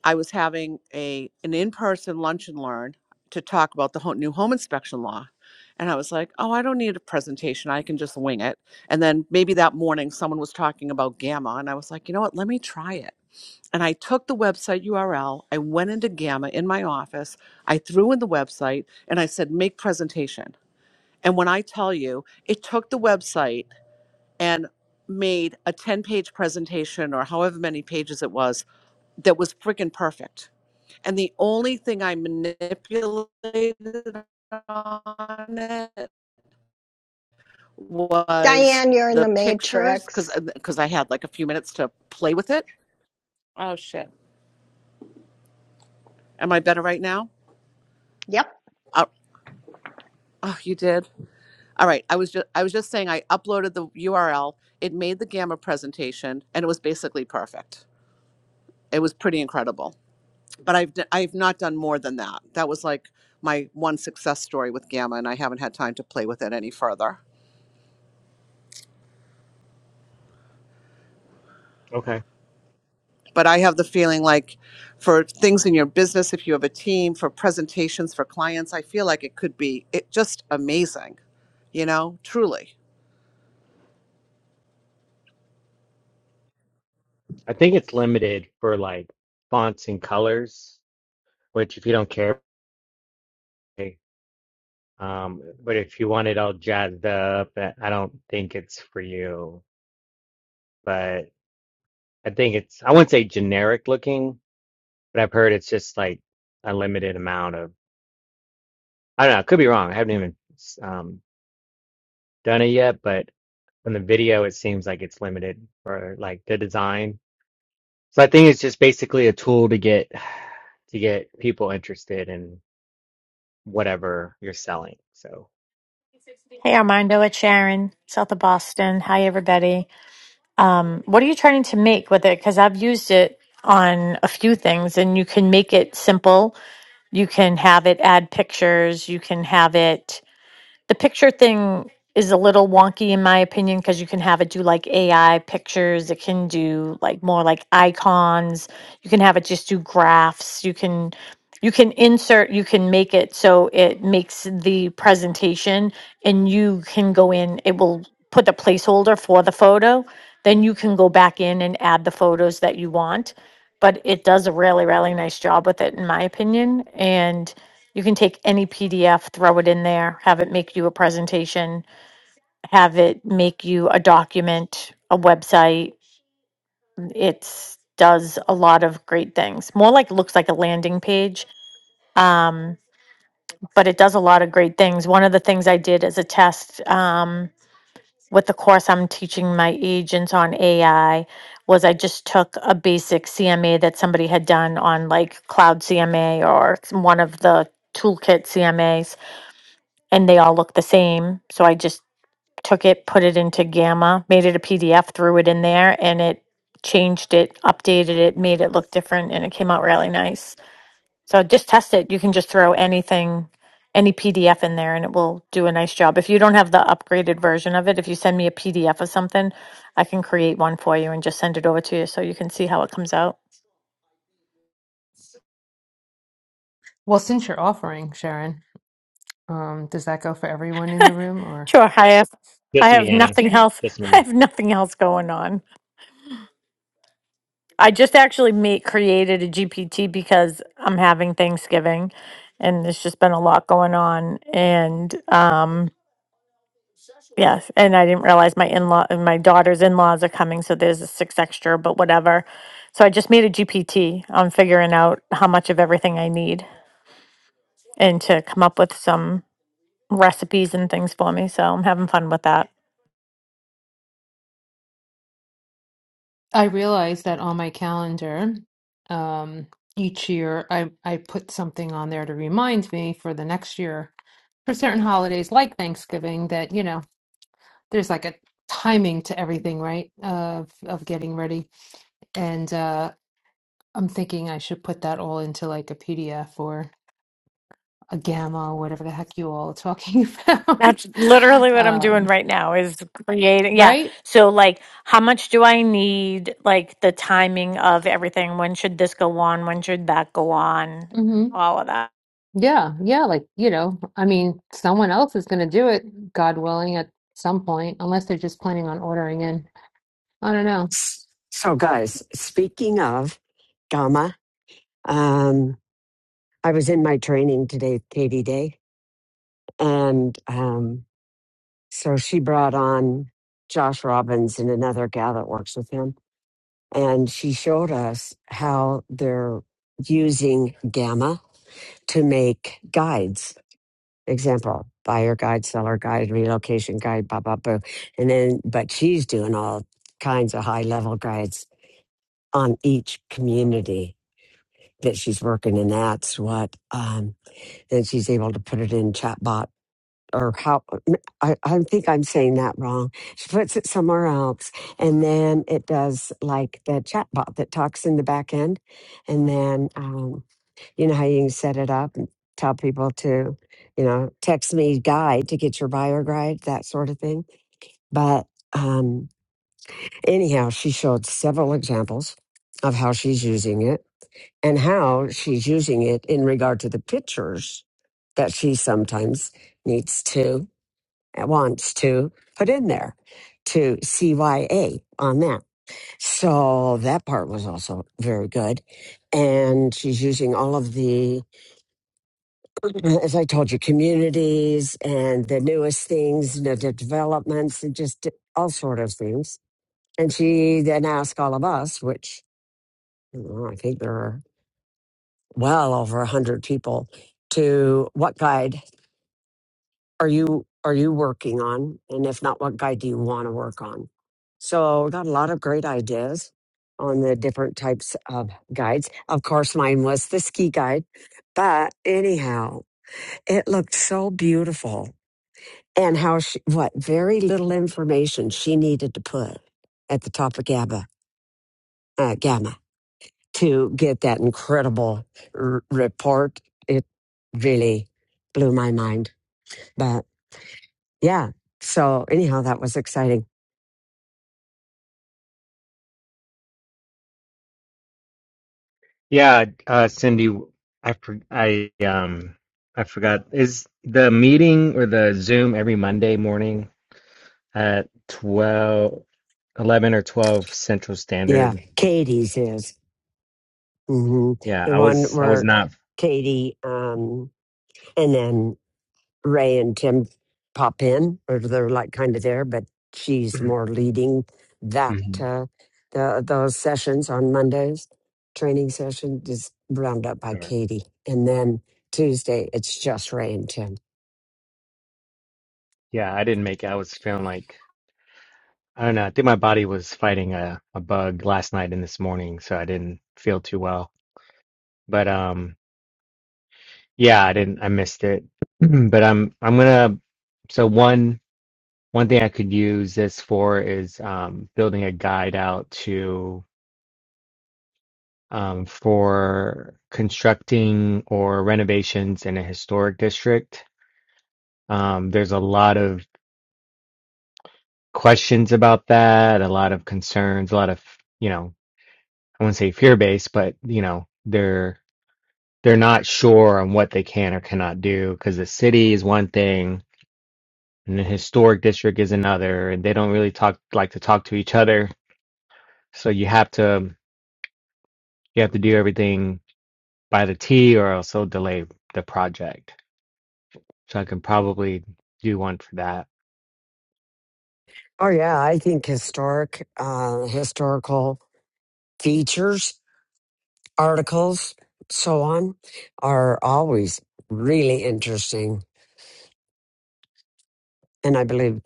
Speaker 7: I was having a an in person lunch and learn to talk about the ho- new home inspection law, and I was like, oh, I don't need a presentation. I can just wing it. And then maybe that morning someone was talking about Gamma, and I was like, you know what? Let me try it. And I took the website URL. I went into Gamma in my office. I threw in the website, and I said, make presentation and when I tell you, it took the website and made a 10 page presentation or however many pages it was that was freaking perfect. And the only thing I manipulated on it was
Speaker 5: Diane, you're in
Speaker 7: the
Speaker 5: the
Speaker 7: pictures
Speaker 5: matrix.
Speaker 7: because because I had like a few minutes to play with it. Oh shit. Am I better right now? Oh, oh, you did. All right. I was just I was just saying I uploaded the URL. It made the gamma presentation and it was basically perfect. it was pretty incredible. But I've d- I've not done more than that. That was like my one success story with Gamma, and I haven't had time to play with it any further.
Speaker 11: Okay.
Speaker 7: But I have the feeling like for things in your business, if you have a team, for presentations for clients, I feel like it could be it just amazing, you know, truly.
Speaker 11: I think it's limited for like fonts and colors, which if you don't care, okay. um, but if you want it all jazzed up, eh, I don't think it's for you. But I think it's, I wouldn't say generic looking but I've heard it's just like a limited amount of I don't know, I could be wrong. I haven't even um done it yet, but from the video it seems like it's limited for like the design. So I think it's just basically a tool to get to get people interested in whatever you're selling. So
Speaker 12: Hey Armando, it's Sharon, south of Boston. Hi everybody. Um, what are you trying to make with it? Because I've used it on a few things, and you can make it simple. You can have it add pictures. You can have it the picture thing is a little wonky in my opinion because you can have it do like AI pictures, it can do like more like icons, you can have it just do graphs, you can you can insert, you can make it so it makes the presentation and you can go in, it will put the placeholder for the photo, then you can go back in and add the photos that you want. But it does a really, really nice job with it in my opinion. And you can take any PDF, throw it in there, have it make you a presentation, have it make you a document, a website. It does a lot of great things. More like looks like a landing page, um, but it does a lot of great things. One of the things I did as a test um, with the course I'm teaching my agents on AI was I just took a basic CMA that somebody had done on like Cloud CMA or one of the toolkit CMAs and they all look the same. So I just took it, put it into Gamma, made it a PDF, threw it in there, and it changed it, updated it, made it look different, and it came out really nice. So just test it. You can just throw anything, any PDF in there, and it will do a nice job. If you don't have the upgraded version of it, if you send me a PDF of something, I can create one for you and just send it over to you so you can see how it comes out.
Speaker 13: Well, since you're offering, Sharon, um, does that go for everyone in the room or?
Speaker 12: Sure, I have I
Speaker 11: just me,
Speaker 12: have
Speaker 11: Anna.
Speaker 12: nothing else.
Speaker 11: Just
Speaker 12: [LAUGHS] I
Speaker 11: me.
Speaker 12: have nothing else going on. I just actually made created a GPT because I'm having Thanksgiving and there's just been a lot going on and um yes and I didn't realize my in-law and my daughter's in-laws are coming so there's a six extra but whatever. So I just made a GPT on figuring out how much of everything I need and to come up with some recipes and things for me. So I'm having fun with that.
Speaker 13: I realized that on my calendar, um, each year I, I put something on there to remind me for the next year for certain holidays like Thanksgiving that, you know, there's like a timing to everything, right? Of of getting ready. And uh I'm thinking I should put that all into like a PDF or a gamma or whatever the heck you all are talking [LAUGHS]
Speaker 12: That's
Speaker 13: about.
Speaker 12: literally what I'm
Speaker 13: Um,
Speaker 12: doing right now is creating. Yeah.
Speaker 13: right?
Speaker 12: So like how much do I need like the timing of everything? When should this go on? When should that go on?
Speaker 13: Mm-hmm.
Speaker 12: All of that.
Speaker 13: Yeah, yeah, like, you know, I mean, someone else is going to do it, God willing, at some point, unless they're just planning on ordering in. I don't know.
Speaker 1: So,
Speaker 13: But
Speaker 1: guys, speaking of gamma, um, I was in my training today, Katie Day, and um, so she brought on Josh Robbins and another gal that works with him, and she showed us how they're using gamma to make guides. Example: buyer guide, seller guide, relocation guide, blah blah blah. And then, but she's doing all kinds of high level guides on each community that she's working in. That's what, um, then she's able to put it in chatbot or how, I, I think I'm saying that wrong. She puts it somewhere else and then it does like the chatbot that talks in the back end. And then, um, you know how you can set it up and tell people to, you know, text me guide to get your buyer guide, that sort of thing. But, um, anyhow, she showed several examples of how she's using it and how she's using it in regard to the pictures that she sometimes needs to, uh, wants to put in there to CYA on that. So that part was also very good. And she's using all of the, [CLEARS THROAT] as I told you, communities and the newest things, you know, the developments and just all sort of things. And she then asked all of us, which you know, I think there are well over a hundred people to what guide are you are you working on, and if not, what guide do you want to work on? So we got a lot of great ideas on the different types of guides. Of course, mine was the ski guide, but anyhow, it looked so beautiful and how she what very little information she needed to put at the top of GABA uh, gamma to get that incredible r- report. It really blew my mind. But yeah, so anyhow, that was exciting.
Speaker 11: Yeah, uh Cindy, I for- I um I forgot. Is the meeting or the Zoom every Monday morning? at 12, 11 or 12 Central
Speaker 1: Yeah,
Speaker 11: Standard.
Speaker 1: Katie's is hmm
Speaker 11: Yeah,
Speaker 1: the
Speaker 11: I
Speaker 1: one
Speaker 11: was I was
Speaker 1: where
Speaker 11: not
Speaker 1: Katie, um, and then Ray and Tim pop in, or they're like kind of there, but
Speaker 11: [CLEARS THROAT]
Speaker 1: she's more leading that
Speaker 11: Mhm.
Speaker 1: uh, the, those sessions on Mondays. Training session is round up by
Speaker 11: sure.
Speaker 1: Katie, and then Tuesday it's just Ray and Tim.
Speaker 11: Yeah, I didn't make it. I was feeling like I don't know. I think my body was fighting a, a bug last night and this morning, so I didn't feel too well. But um yeah, I didn't I missed it. [CLEARS THROAT] but I'm I'm gonna so one one thing I could use this for is um building a guide out to. um, for constructing or renovations in a historic district. Um, there's a lot of questions about that, a lot of concerns, a lot of, you know, I wouldn't say fear based, but you know, they're they're not sure on what they can or cannot do because the city is one thing and the historic district is another, and they don't really talk like to talk to each other. So you have to you have to do everything by the T or else they'll delay the project. So I can probably do one for that.
Speaker 1: Oh yeah, I think historic, uh, historical features, articles, so on, are always really interesting, and I believe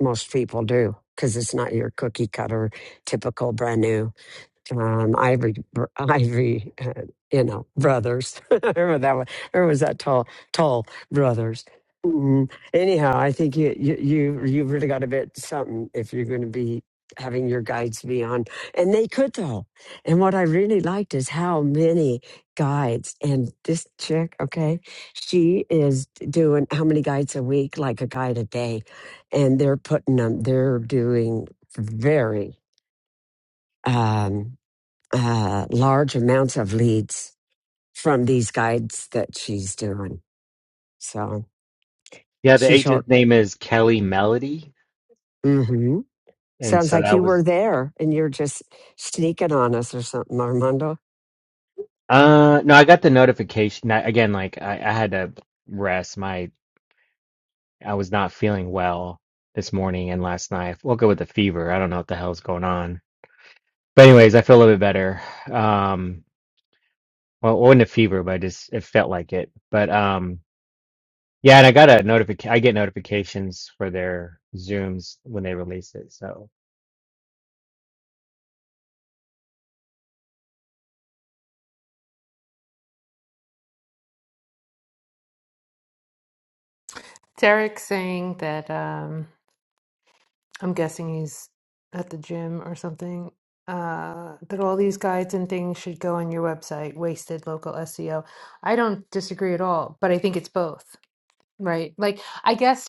Speaker 1: Most people do because it's not your cookie cutter, typical brand new um, Ivory, br- Ivory, uh, you know, brothers. [LAUGHS] I remember that one. I remember it was that tall, tall brothers. Mm, Anyhow, I think you you you you really got a bit something if you're going to be having your guides be on, and they could though. And what I really liked is how many guides. And this chick, okay, she is doing how many guides a week? Like a guide a day, and they're putting them. They're doing very. um, uh, large amounts of leads from these guides that she's doing. So
Speaker 11: Yeah, the
Speaker 1: she showed,
Speaker 11: agent's name is Kelly Melody.
Speaker 1: mm-hmm.
Speaker 11: And
Speaker 1: sounds
Speaker 11: so
Speaker 1: like
Speaker 11: that
Speaker 1: you were
Speaker 11: was
Speaker 1: there and you're just sneaking on us or something, Armando.
Speaker 11: uh no, I got the notification. I, again, like I, I had to rest. My I was not feeling well this morning and last night. I woke up with a fever. I don't know what the hell's going on. But anyways, I feel a little bit better. Um well it wasn't a fever, but I just it felt like it. But um yeah, and I got a notification I get notifications for their Zooms when they release it. So
Speaker 13: Derek's saying that um I'm guessing he's at the gym or something. Uh, that all these guides and things should go on your website, wasted local SEO. I don't disagree at all, but I think it's both, right? Like, I guess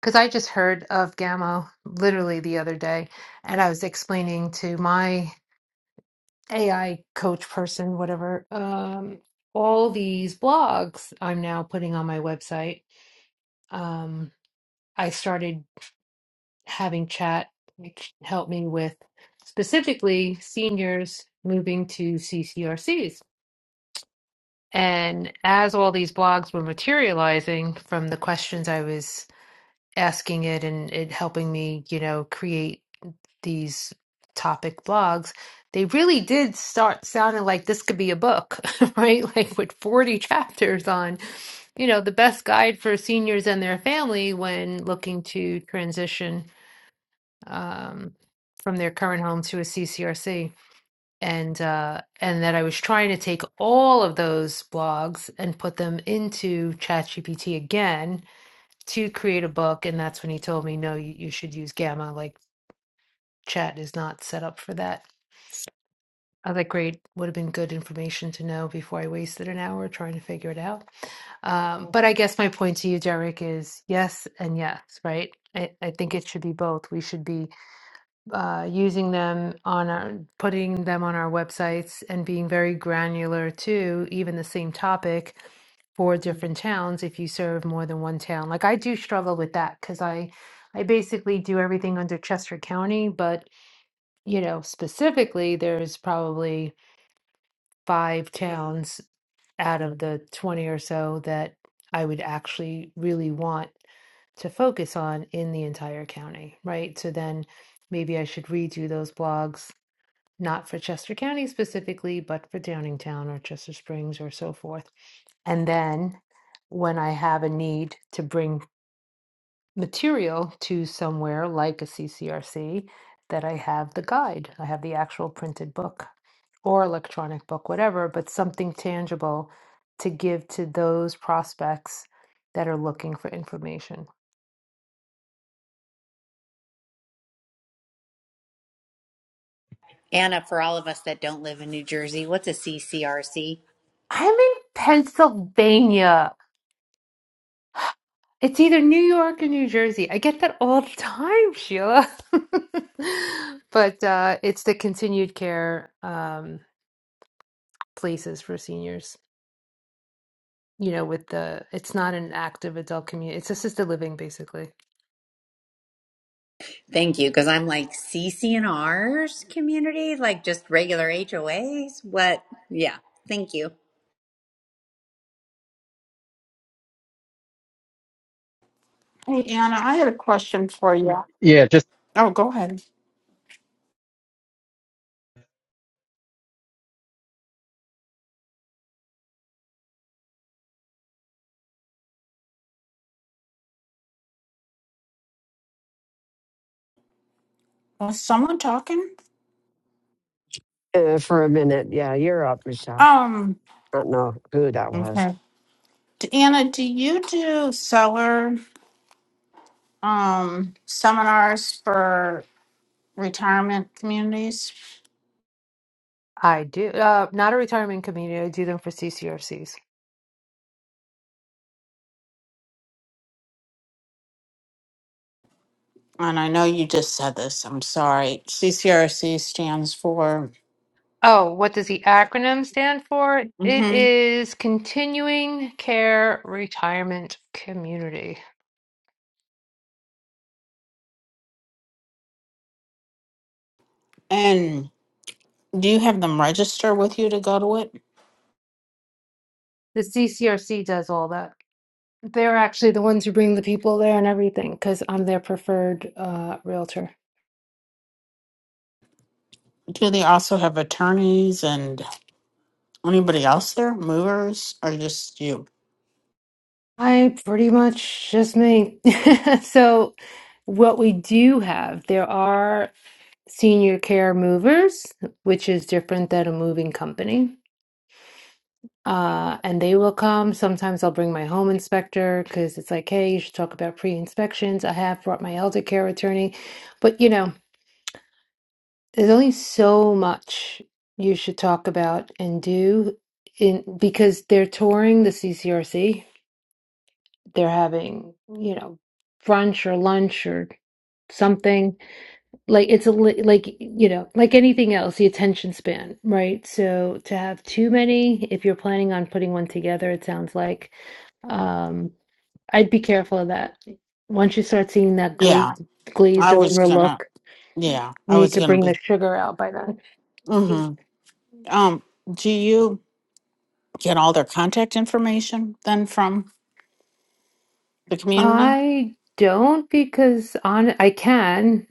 Speaker 13: because I just heard of Gamma literally the other day, and I was explaining to my AI coach person, whatever, um, all these blogs I'm now putting on my website. Um, I started having chat, which helped me with specifically seniors moving to CCRCs. And as all these blogs were materializing from the questions I was asking it and it helping me, you know, create these topic blogs, they really did start sounding like this could be a book, [LAUGHS] right? Like with 40 chapters on, you know, the best guide for seniors and their family when looking to transition um, from their current home to a CCRC. And uh, and that I was trying to take all of those blogs and put them into ChatGPT again to create a book, and that's when he told me, no, you, you should use Gamma. Like chat is not set up for that. I was like, great, would have been good information to know before I wasted an hour trying to figure it out. Um, but I guess my point to you, Derek, is yes and yes, right? I, I think it should be both. We should be uh, using them on our putting them on our websites and being very granular too even the same topic for different towns if you serve more than one town like i do struggle with that because i i basically do everything under chester county but you know specifically there's probably five towns out of the 20 or so that I would actually really want to focus on in the entire county, right? So then maybe I should redo those blogs, not for Chester County specifically, but for Downingtown or Chester Springs or so forth. And then when I have a need to bring material to somewhere like a CCRC that I have the guide, I have the actual printed book or electronic book, whatever, but something tangible to give to those prospects that are looking for information.
Speaker 14: Anna, for all of us that don't live in New Jersey, what's a CCRC?
Speaker 13: I'm in Pennsylvania. It's either New York or New Jersey. I get that all the time, Sheila. [LAUGHS] but uh, it's the continued care um, places for seniors. you know, with the it's not an active adult community. It's assisted living basically.
Speaker 14: Thank you, because I'm like CCNRs community, like just regular HOAs. What? Yeah, thank you.
Speaker 2: Hey Anna, I had a question for you.
Speaker 15: Yeah, just
Speaker 2: Oh, go ahead. Was someone talking?
Speaker 1: Uh, for a minute. Yeah, you're up, Michelle.
Speaker 2: Um.
Speaker 1: don't know who that was.
Speaker 2: Okay. D- Anna, do you do seller? um, seminars for retirement communities.
Speaker 13: I do. Uh, not a retirement community. I do them for CCRCs.
Speaker 2: And I know you just said this. I'm sorry. CCRC stands for.
Speaker 13: Oh, what does the acronym stand for? It
Speaker 2: hmm
Speaker 13: is Continuing Care Retirement Community.
Speaker 2: And do you have them register with you to go to it?
Speaker 13: The CCRC does all that. They're actually the ones who bring the people there and everything because I'm their preferred uh, realtor.
Speaker 2: Do they also have attorneys and anybody else there? Movers or just you?
Speaker 13: I pretty much just me. [LAUGHS] So, what we do have, there are. senior care movers, which is different than a moving company. Uh, and they will come. Sometimes I'll bring my home inspector because it's like, hey, you should talk about pre-inspections. I have brought my elder care attorney, but you know, there's only so much you should talk about and do in because they're touring the CCRC. They're having, you know, brunch or lunch or something like it's a li- like you know like anything else the attention span right so to have too many if you're planning on putting one together it sounds like um i'd be careful of that once you start seeing that
Speaker 2: Yeah,
Speaker 13: glazed glazed
Speaker 2: I was
Speaker 13: over
Speaker 2: gonna.
Speaker 13: look
Speaker 2: Yeah,
Speaker 13: you
Speaker 2: I
Speaker 13: need
Speaker 2: was
Speaker 13: to
Speaker 2: gonna
Speaker 13: bring the
Speaker 2: be.
Speaker 13: sugar out by then
Speaker 2: hmm Um, do you get all their contact information then from the community?
Speaker 13: I don't because on I can,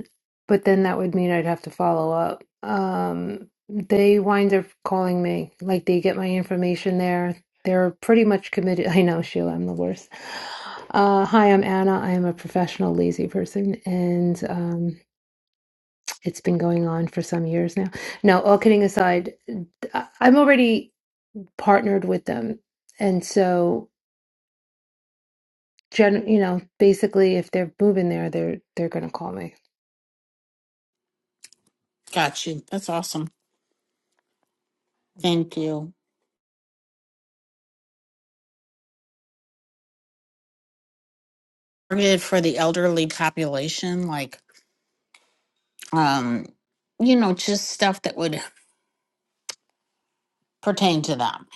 Speaker 13: but then that would mean I'd have to follow up. Um, they wind up calling me, like they get my information there. They're pretty much committed. [LAUGHS] I know, Sheila, I'm the worst. Uh, hi, I'm Anna. I am a professional lazy person, and um, it's been going on for some years now. No, all kidding aside, I- I'm already partnered with them, and so. gen you know basically if they're moving there they're they're gonna call me
Speaker 2: Got you. That's awesome. Thank you. Targeted for the elderly population, like, um, you know, just stuff that would pertain to them.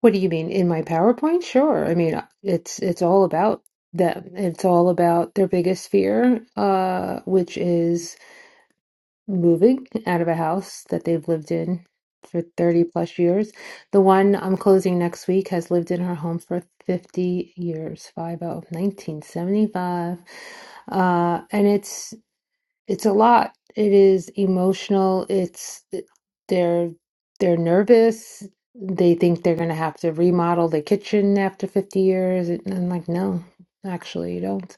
Speaker 13: what do you mean in my powerpoint sure i mean it's it's all about them it's all about their biggest fear uh which is moving out of a house that they've lived in for 30 plus years. The one I'm closing next week has lived in her home for 50 years, 50, 1975. Uh, and it's it's a lot. It is emotional. It's eh, they're they're nervous. They think they're gonna have to remodel the kitchen after 50 years. And I'm like, no, actually, you don't.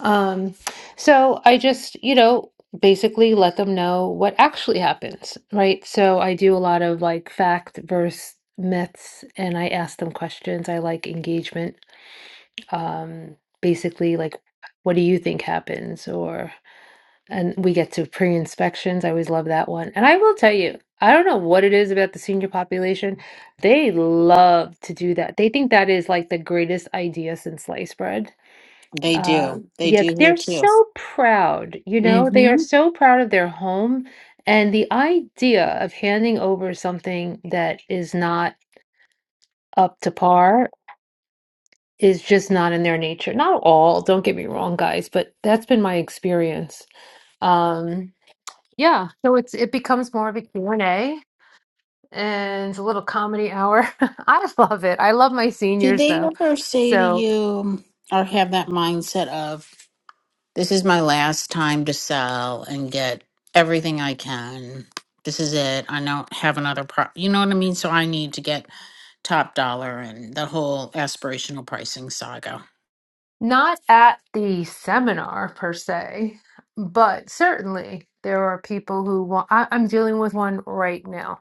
Speaker 13: Um, so I just, you know, basically let them know what actually happens, right? So I do a lot of like fact versus myths, and I ask them questions. I like engagement. Um, basically, like, what do you think happens, or and we get to pre-inspections. I always love that one. And I will tell you, I don't know what it is about the senior population. They love to do that. They think that is like the greatest idea since sliced bread.
Speaker 2: They do.
Speaker 13: Um,
Speaker 2: They
Speaker 13: yeah,
Speaker 2: do here
Speaker 13: they're
Speaker 2: too.
Speaker 13: so proud, you know, they are
Speaker 2: Mm-hmm.
Speaker 13: so proud of their home. And the idea of handing over something that is not up to par is just not in their nature. Not all, don't get me wrong, guys, but that's been my experience. Um, Yeah, so it's it becomes more of a Q and a and a little comedy hour. [LAUGHS] I love it. I love my
Speaker 2: Do
Speaker 13: seniors
Speaker 2: they
Speaker 13: though.
Speaker 2: ever say to
Speaker 13: So,
Speaker 2: you or have that mindset of, this is my last time to sell and get everything I can? This is it. I don't have another pro. You know what I mean? So I need to get top dollar and the whole aspirational pricing saga.
Speaker 13: not at the seminar per se, but certainly there are people who want I, I'm dealing with one right now.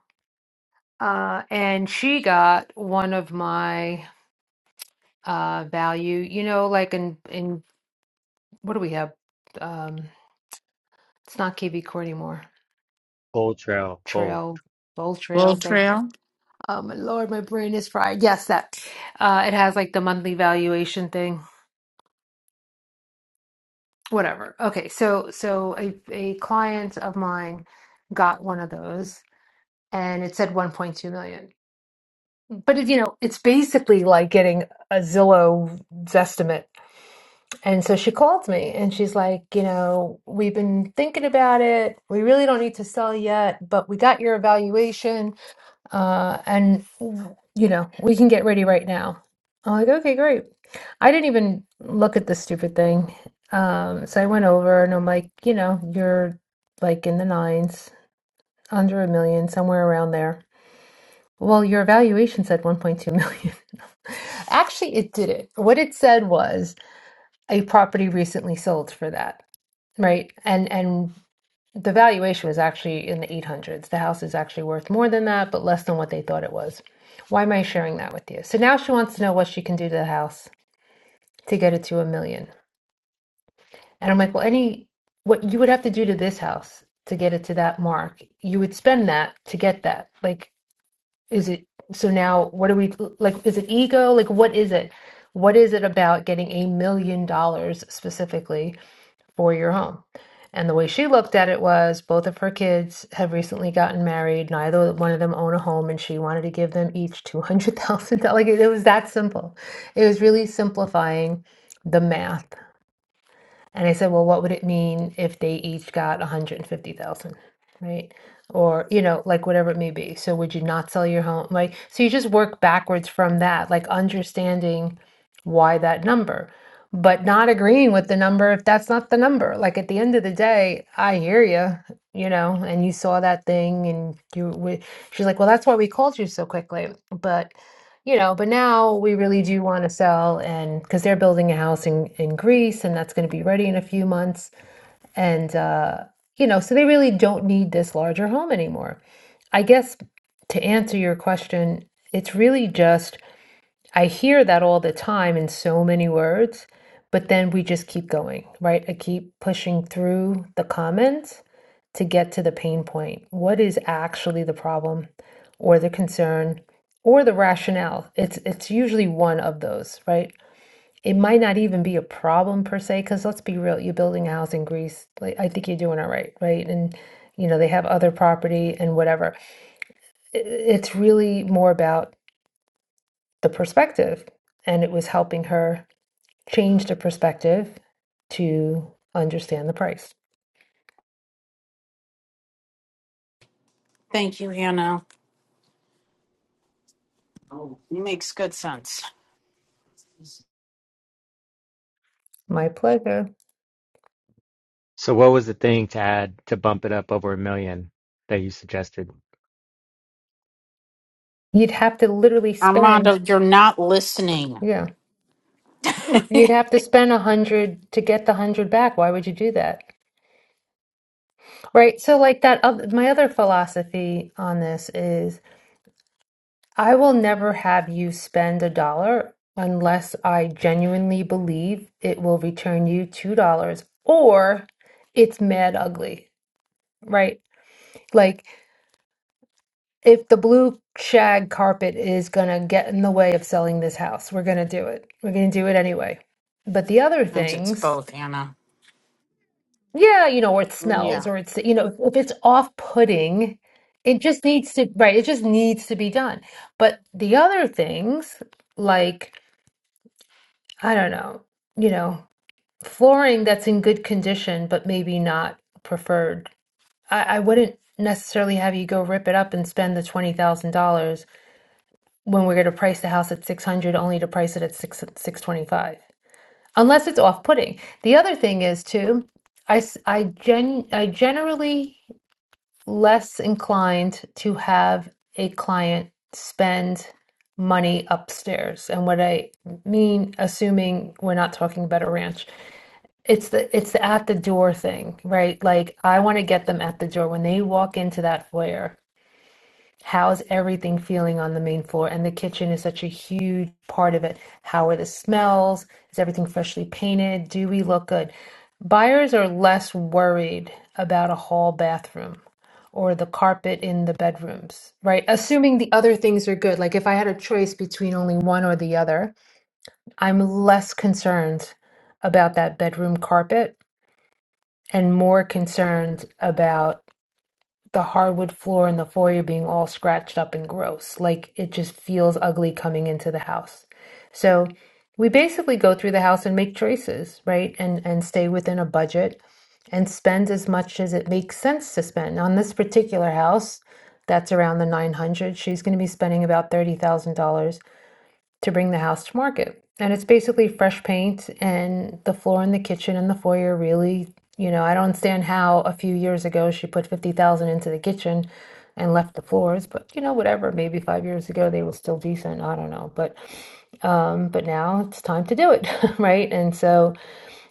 Speaker 13: Uh, and she got one of my uh value, you know, like in in what do we have? Um, it's not KV Core anymore.
Speaker 11: Gold Trail, gold.
Speaker 13: Trail, Bold
Speaker 2: Bull
Speaker 13: Trail.
Speaker 2: Trail.
Speaker 13: Oh my Lord, my brain is fried. Yes, that uh, it has like the monthly valuation thing. Whatever. Okay, so so a a client of mine got one of those, and it said 1.2 million. But it, you know, it's basically like getting a Zillow Zestimate. And so she called me, and she's like, you know, we've been thinking about it. We really don't need to sell yet, but we got your evaluation uh, and you know we can get ready right now i'm like okay great i didn't even look at this stupid thing um, so i went over and i'm like you know you're like in the nines under a million somewhere around there well your evaluation said 1.2 million [LAUGHS] actually it didn't what it said was a property recently sold for that right and and the valuation was actually in the 800s. The house is actually worth more than that, but less than what they thought it was. Why am I sharing that with you? So now she wants to know what she can do to the house to get it to a million. And I'm like, well, any what you would have to do to this house to get it to that mark, you would spend that to get that. Like, is it so now what are we like? Is it ego? Like, what is it? What is it about getting a million dollars specifically? for your home. And the way she looked at it was both of her kids have recently gotten married. Neither one of them own a home, and she wanted to give them each $200,000. Like it was that simple. It was really simplifying the math and I said, well, what would it mean if they each got 150,000, right? Or, you know, like whatever it may be. So would you not sell your home? Like, so you just work backwards from that, like understanding why that number, but not agreeing with the number if that's not the number. Like at the end of the day, I hear you, you know, and you saw that thing and you, we, she's like, well, that's why we called you so quickly. But you know, but now we really do want to sell and because they're building a house in, in Greece and that's going to be ready in a few months. And, uh, you know, so they really don't need this larger home anymore. I guess to answer your question, it's really just I hear that all the time in so many words, but then we just keep going, right? I keep pushing through the comments to get to the pain point. What is actually the problem or the concern or the rationale? It's it's usually one of those, right? It might not even be a problem per se, because let's be real, you're building a house in Greece. Like I think you're doing all right, right? And you know, they have other property and whatever. I- It's really more about the perspective. And it was helping her change the perspective to understand the price.
Speaker 2: Thank you, Hannah. Makes good sense.
Speaker 13: My pleasure.
Speaker 11: So what was the thing to add to bump it up over a million that you suggested?
Speaker 13: You'd have to literally
Speaker 2: Armando,
Speaker 13: spend,
Speaker 2: you're not listening.
Speaker 13: yeah. You'd have to spend a hundred to get the hundred back. Why would you do that? Right. So, like that, oth- my other philosophy on this is I will never have you spend a dollar unless I genuinely believe it will return you two dollars or it's mad ugly, right? Like, if the blue shag carpet is gonna get in the way of selling this house, we're gonna do it. We're gonna do it anyway. But the other
Speaker 2: Sometimes it's
Speaker 13: things,
Speaker 2: both, Anna.
Speaker 13: Yeah, you know, or it smells,
Speaker 2: Yeah.
Speaker 13: or it's, you know, if it's off-putting, it just needs to, right, it just needs to be done. But the other things, like, I don't know, you know, flooring that's in good condition, but maybe not preferred, I, I wouldn't necessarily have you go rip it up and spend the $20,000 when we're going to price the house at 600 only to price it at six 625, unless it's off-putting. The other thing is too, I, s- I gen, I generally less inclined to have a client spend money upstairs. And what I mean, assuming we're not talking about a ranch, it's the it's the at the door thing, right? Like I want to get them at the door when they walk into that foyer. How's everything feeling on the main floor? And the kitchen is such a huge part of it. How are the smells? Is everything freshly painted? Do we look good? Buyers are less worried about a hall bathroom or the carpet in the bedrooms, right? Assuming the other things are good. Like if I had a choice between only one or the other, I'm less concerned about that bedroom carpet and more concerned about the hardwood floor in the foyer being all scratched up and gross. Like it just feels ugly coming into the house. So we basically go through the house and make choices, right? And and stay within a budget and spend as much as it makes sense to spend. On this particular house, that's around the 900. She's going to be spending about $30,000 to bring the house to market. And it's basically fresh paint and the floor in the kitchen and the foyer really, you know, I don't understand how a few years ago she put 50,000 into the kitchen and left the floors, but you know, whatever, maybe 5 years ago they were still decent, I don't know, but um but now it's time to do it, [LAUGHS] right? And so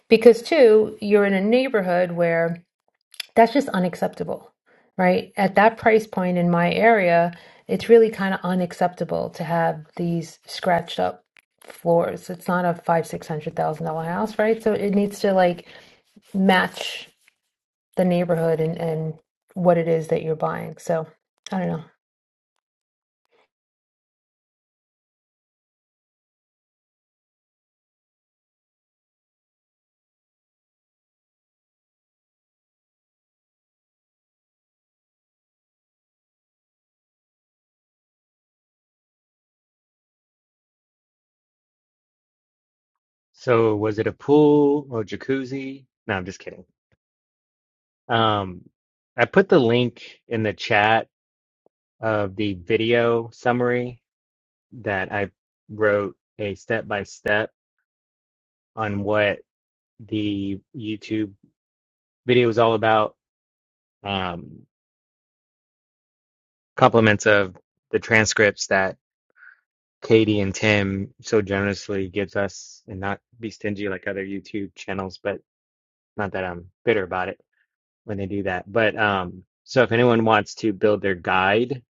Speaker 13: because too, you're in a neighborhood where that's just unacceptable, right? At that price point in my area, it's really kind of unacceptable to have these scratched up floors. It's not a five, six hundred thousand dollar house, right? So it needs to like match the neighborhood and and what it is that you're buying. So I don't know.
Speaker 11: So was it a pool or jacuzzi? No, I'm just kidding. Um, I put the link in the chat of the video summary that I wrote a step by step on what the YouTube video is all about. Um, compliments of the transcripts that Katie and Tim so generously gives us and not be stingy like other YouTube channels, but Not that I'm bitter about it when they do that, but um, so if anyone wants to build their guide,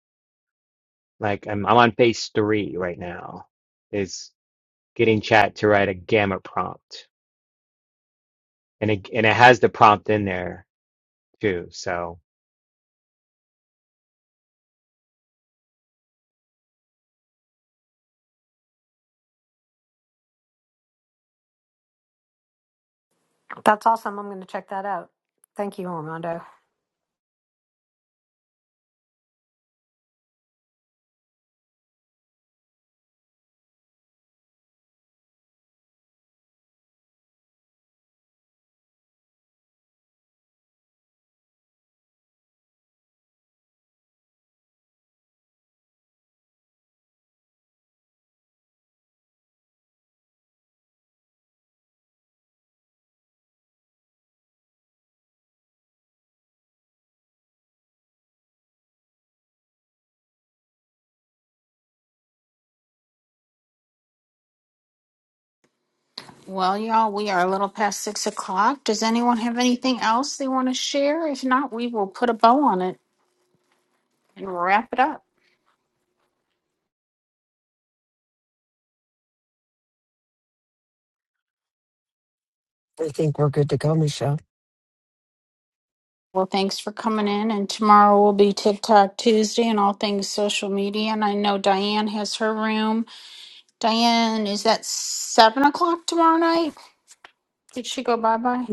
Speaker 11: like I'm, I'm on phase three right now, is getting chat to write a gamma prompt, and it and it has the prompt in there too. So.
Speaker 16: That's awesome. I'm going to check that out. Thank you, Armando.
Speaker 2: Well, y'all, we are a little past six o'clock. Does anyone have anything else they want to share? If not, we will put a bow on it and wrap it up.
Speaker 1: I think we're good to go, Michelle.
Speaker 2: Well, thanks for coming in. And tomorrow will be TikTok Tuesday and all things social media. And I know Diane has her room. Diane, is that seven o'clock tomorrow night? Did she go bye bye?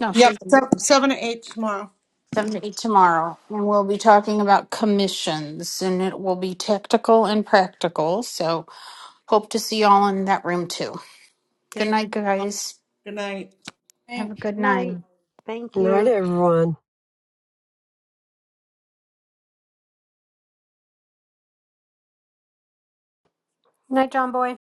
Speaker 2: No,
Speaker 7: Yep,
Speaker 2: she's.
Speaker 7: se- seven to eight tomorrow.
Speaker 2: 7 to eight tomorrow, and we'll be talking about commissions, and it will be tactical and practical. So, hope to see y'all in that room too. Good
Speaker 7: Thanks.
Speaker 2: night, guys.
Speaker 7: Good night.
Speaker 2: Have a good
Speaker 17: Good
Speaker 2: night.
Speaker 17: night. Thank
Speaker 1: Good night,
Speaker 17: you.
Speaker 1: everyone.
Speaker 16: Night, John Boy.